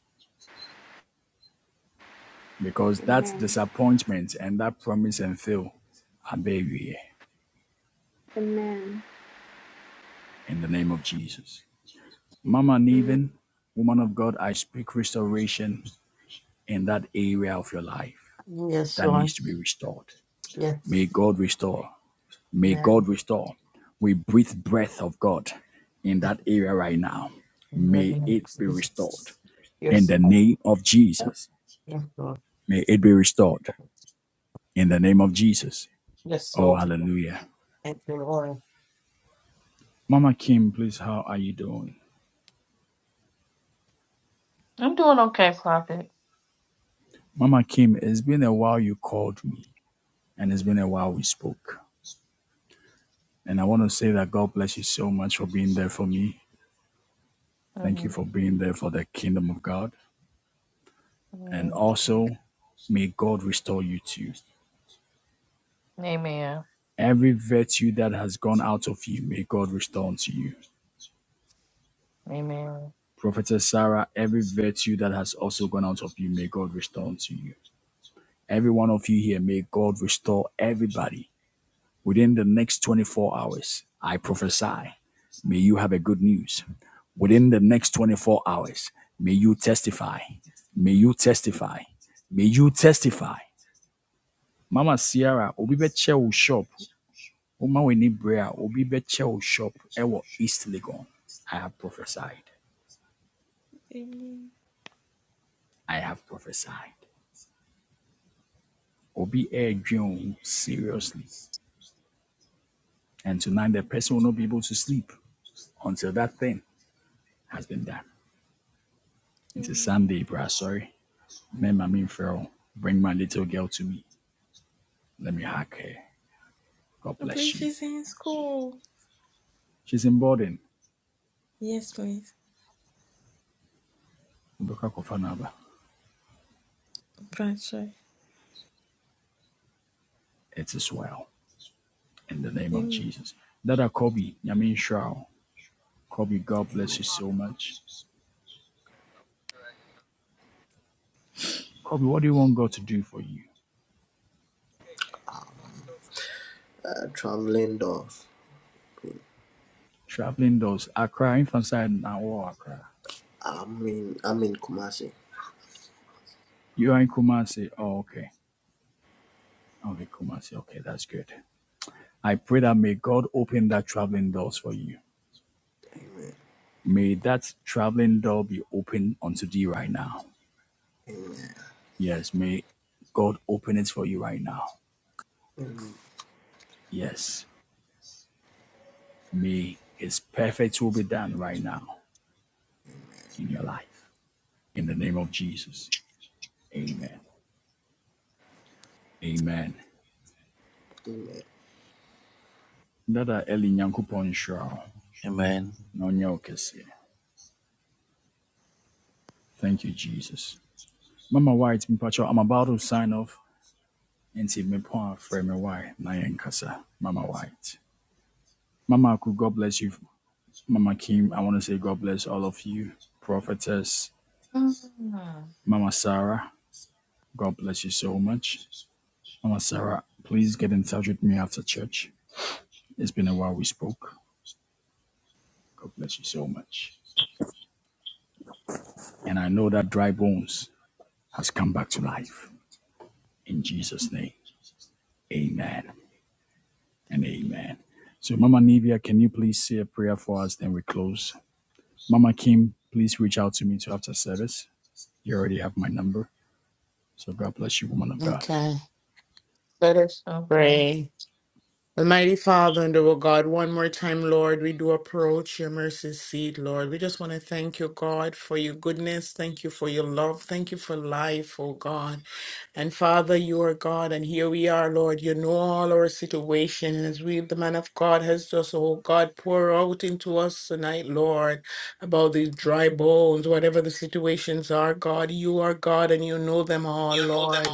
S1: Because that disappointment and that promise and fail are buried in the name of Jesus. Mama Neven, woman of God, I speak restoration in that area of your life.
S10: Yes,
S1: that needs
S10: Lord.
S1: to be restored. May
S10: Yes,
S1: God restore. May
S10: man.
S1: God restore. We breathe breath of God in
S10: Yes,
S1: that area right now.
S10: in the
S1: May
S10: name
S1: it
S10: of
S1: be restored
S10: Jesus.
S1: in
S10: Yes,
S1: the
S10: Lord.
S1: name of Jesus.
S10: Yes, Lord.
S1: May it be restored in the name of Jesus.
S10: Yes,
S1: Oh,
S10: Lord.
S1: hallelujah.
S10: Thank you, Lord.
S1: Mama Kim, please, how are you doing?
S13: I'm doing okay, Prophet.
S1: Mama Kim, it's been a while you called me and it's been a while we spoke. And I want to say that God bless you so much for being there for me. Thank you
S13: Mm-hmm.
S1: for being there for the kingdom of God. And
S13: Amen.
S1: also, may God restore you too.
S13: Amen.
S1: Every virtue that has gone out of you, may God restore unto you.
S13: Amen.
S1: Prophetess Sarah, every virtue that has also gone out of you, may God restore unto you. Every one of you here, may God restore everybody within the next 24 hours. I prophesy, may you have a good news. Within the next 24 hours, may you testify. May you testify. May you testify. Mama Sierra, obi bɛkyɛ wo shop. Oma w'ani bere a obi bɛkyɛ o shop ewo East Legon. I have prophesied.
S8: Amen.
S1: I have prophesied. Obi e dream seriously. And tonight the person will not be able to sleep until that thing has been done. It's a
S8: Amen.
S1: Sunday, bra. Sorry. Remember Me, my mean Pharaoh. Bring my little girl to me. Let me hug her. God
S8: And
S1: bless
S8: Please,
S1: you.
S8: she's in school.
S1: She's in boarding.
S8: Yes, please.
S1: Rebecca Kofanaba.
S8: Bradshaw.
S1: It is well. In the name of
S8: Amen.
S1: Jesus. Dada Kobe, Yamin Shroud. Kobe, God bless you so much. Kobe, what do you want God to do for you?
S6: Uh, traveling doors.
S1: Traveling does Accra, Infantside, and all Accra.
S6: I'm in, I'm in Kumasi.
S1: You are in Kumasi. Oh, okay. Okay, Kumasi. Okay, that's good. I pray that may God open that traveling doors for you.
S6: Amen.
S1: May that traveling door be open unto thee right now.
S6: Amen.
S1: Yes, may God open it for you right now.
S6: Amen.
S1: Yes, may his perfect will be done right now in your life. In the name of Jesus. Amen. Amen.
S6: Amen.
S1: Dada Eli Nyankupon Shrao.
S4: Amen.
S1: No Nyokesi. Thank you, Jesus. Mama White, Mpacho, I'm about to sign off. Nti point for me why na yɛnkasa. Mama White. Mama Aku, God bless you. Mama Kim, I want to say God bless all of you. Prophetess,
S13: Mm,
S1: Mama Sarah, God bless you so much. Mama Sarah, please get in touch with me after church. It's been a while we spoke. God bless you so much. And I know that dry bones has come back to life. In Jesus' name, amen. and amen. So, Mama Nivia, can you please say a prayer for us? Then we close. Mama Kim, please reach out to me to after service. You already have my number. So, God bless you, woman of God.
S10: Okay. Let us
S13: Okay.
S10: pray. Almighty Father and our God, one more time, Lord, we do approach your mercy seat, Lord. We just want to thank you, God, for your goodness. Thank you for your love. Thank you for life, oh God. And Father, you are God, and here we are, Lord. You know all our situation. And as we, the man of God, has just, oh God, pour out into us tonight, Lord, about these dry bones, whatever the situations are, God, you are God, and you know them all, Lord.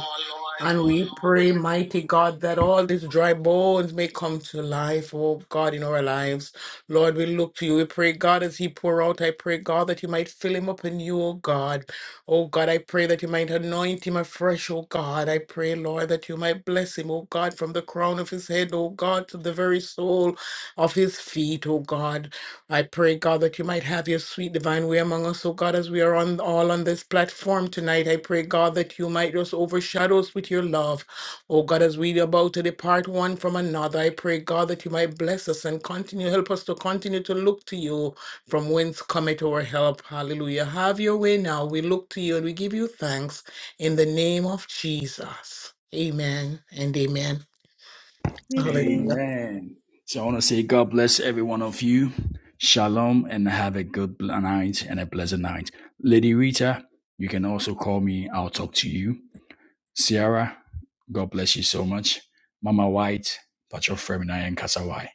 S10: And we pray, mighty God, that all these dry bones may come to life, oh God, in our lives. Lord, we look to you. We pray, God, as he pour out, I pray, God, that you might fill him up in You. oh God. Oh God, I pray that you might anoint him afresh, oh God. I pray, Lord, that you might bless him, oh God, from the crown of his head, oh God, to the very sole of his feet, oh God. I pray, God, that you might have your sweet divine way among us, oh God, as we are on all on this platform tonight. I pray, God, that you might just overshadow us with your love. Oh God, as we about to depart one from another, I pray, God, that you might bless us and continue, help us to continue to look to you from whence cometh our help. Hallelujah. Have your way now. We look to you and we give you thanks in the name of Jesus. Amen and amen.
S8: Amen.
S10: Hallelujah.
S1: Amen. So, I want to say, God bless every one of you. Shalom, and have a good night and a pleasant night. Lady Rita, you can also call me. I'll talk to you. Sierra, God bless you so much. Mama White, Patrol Femina, and Kasawai.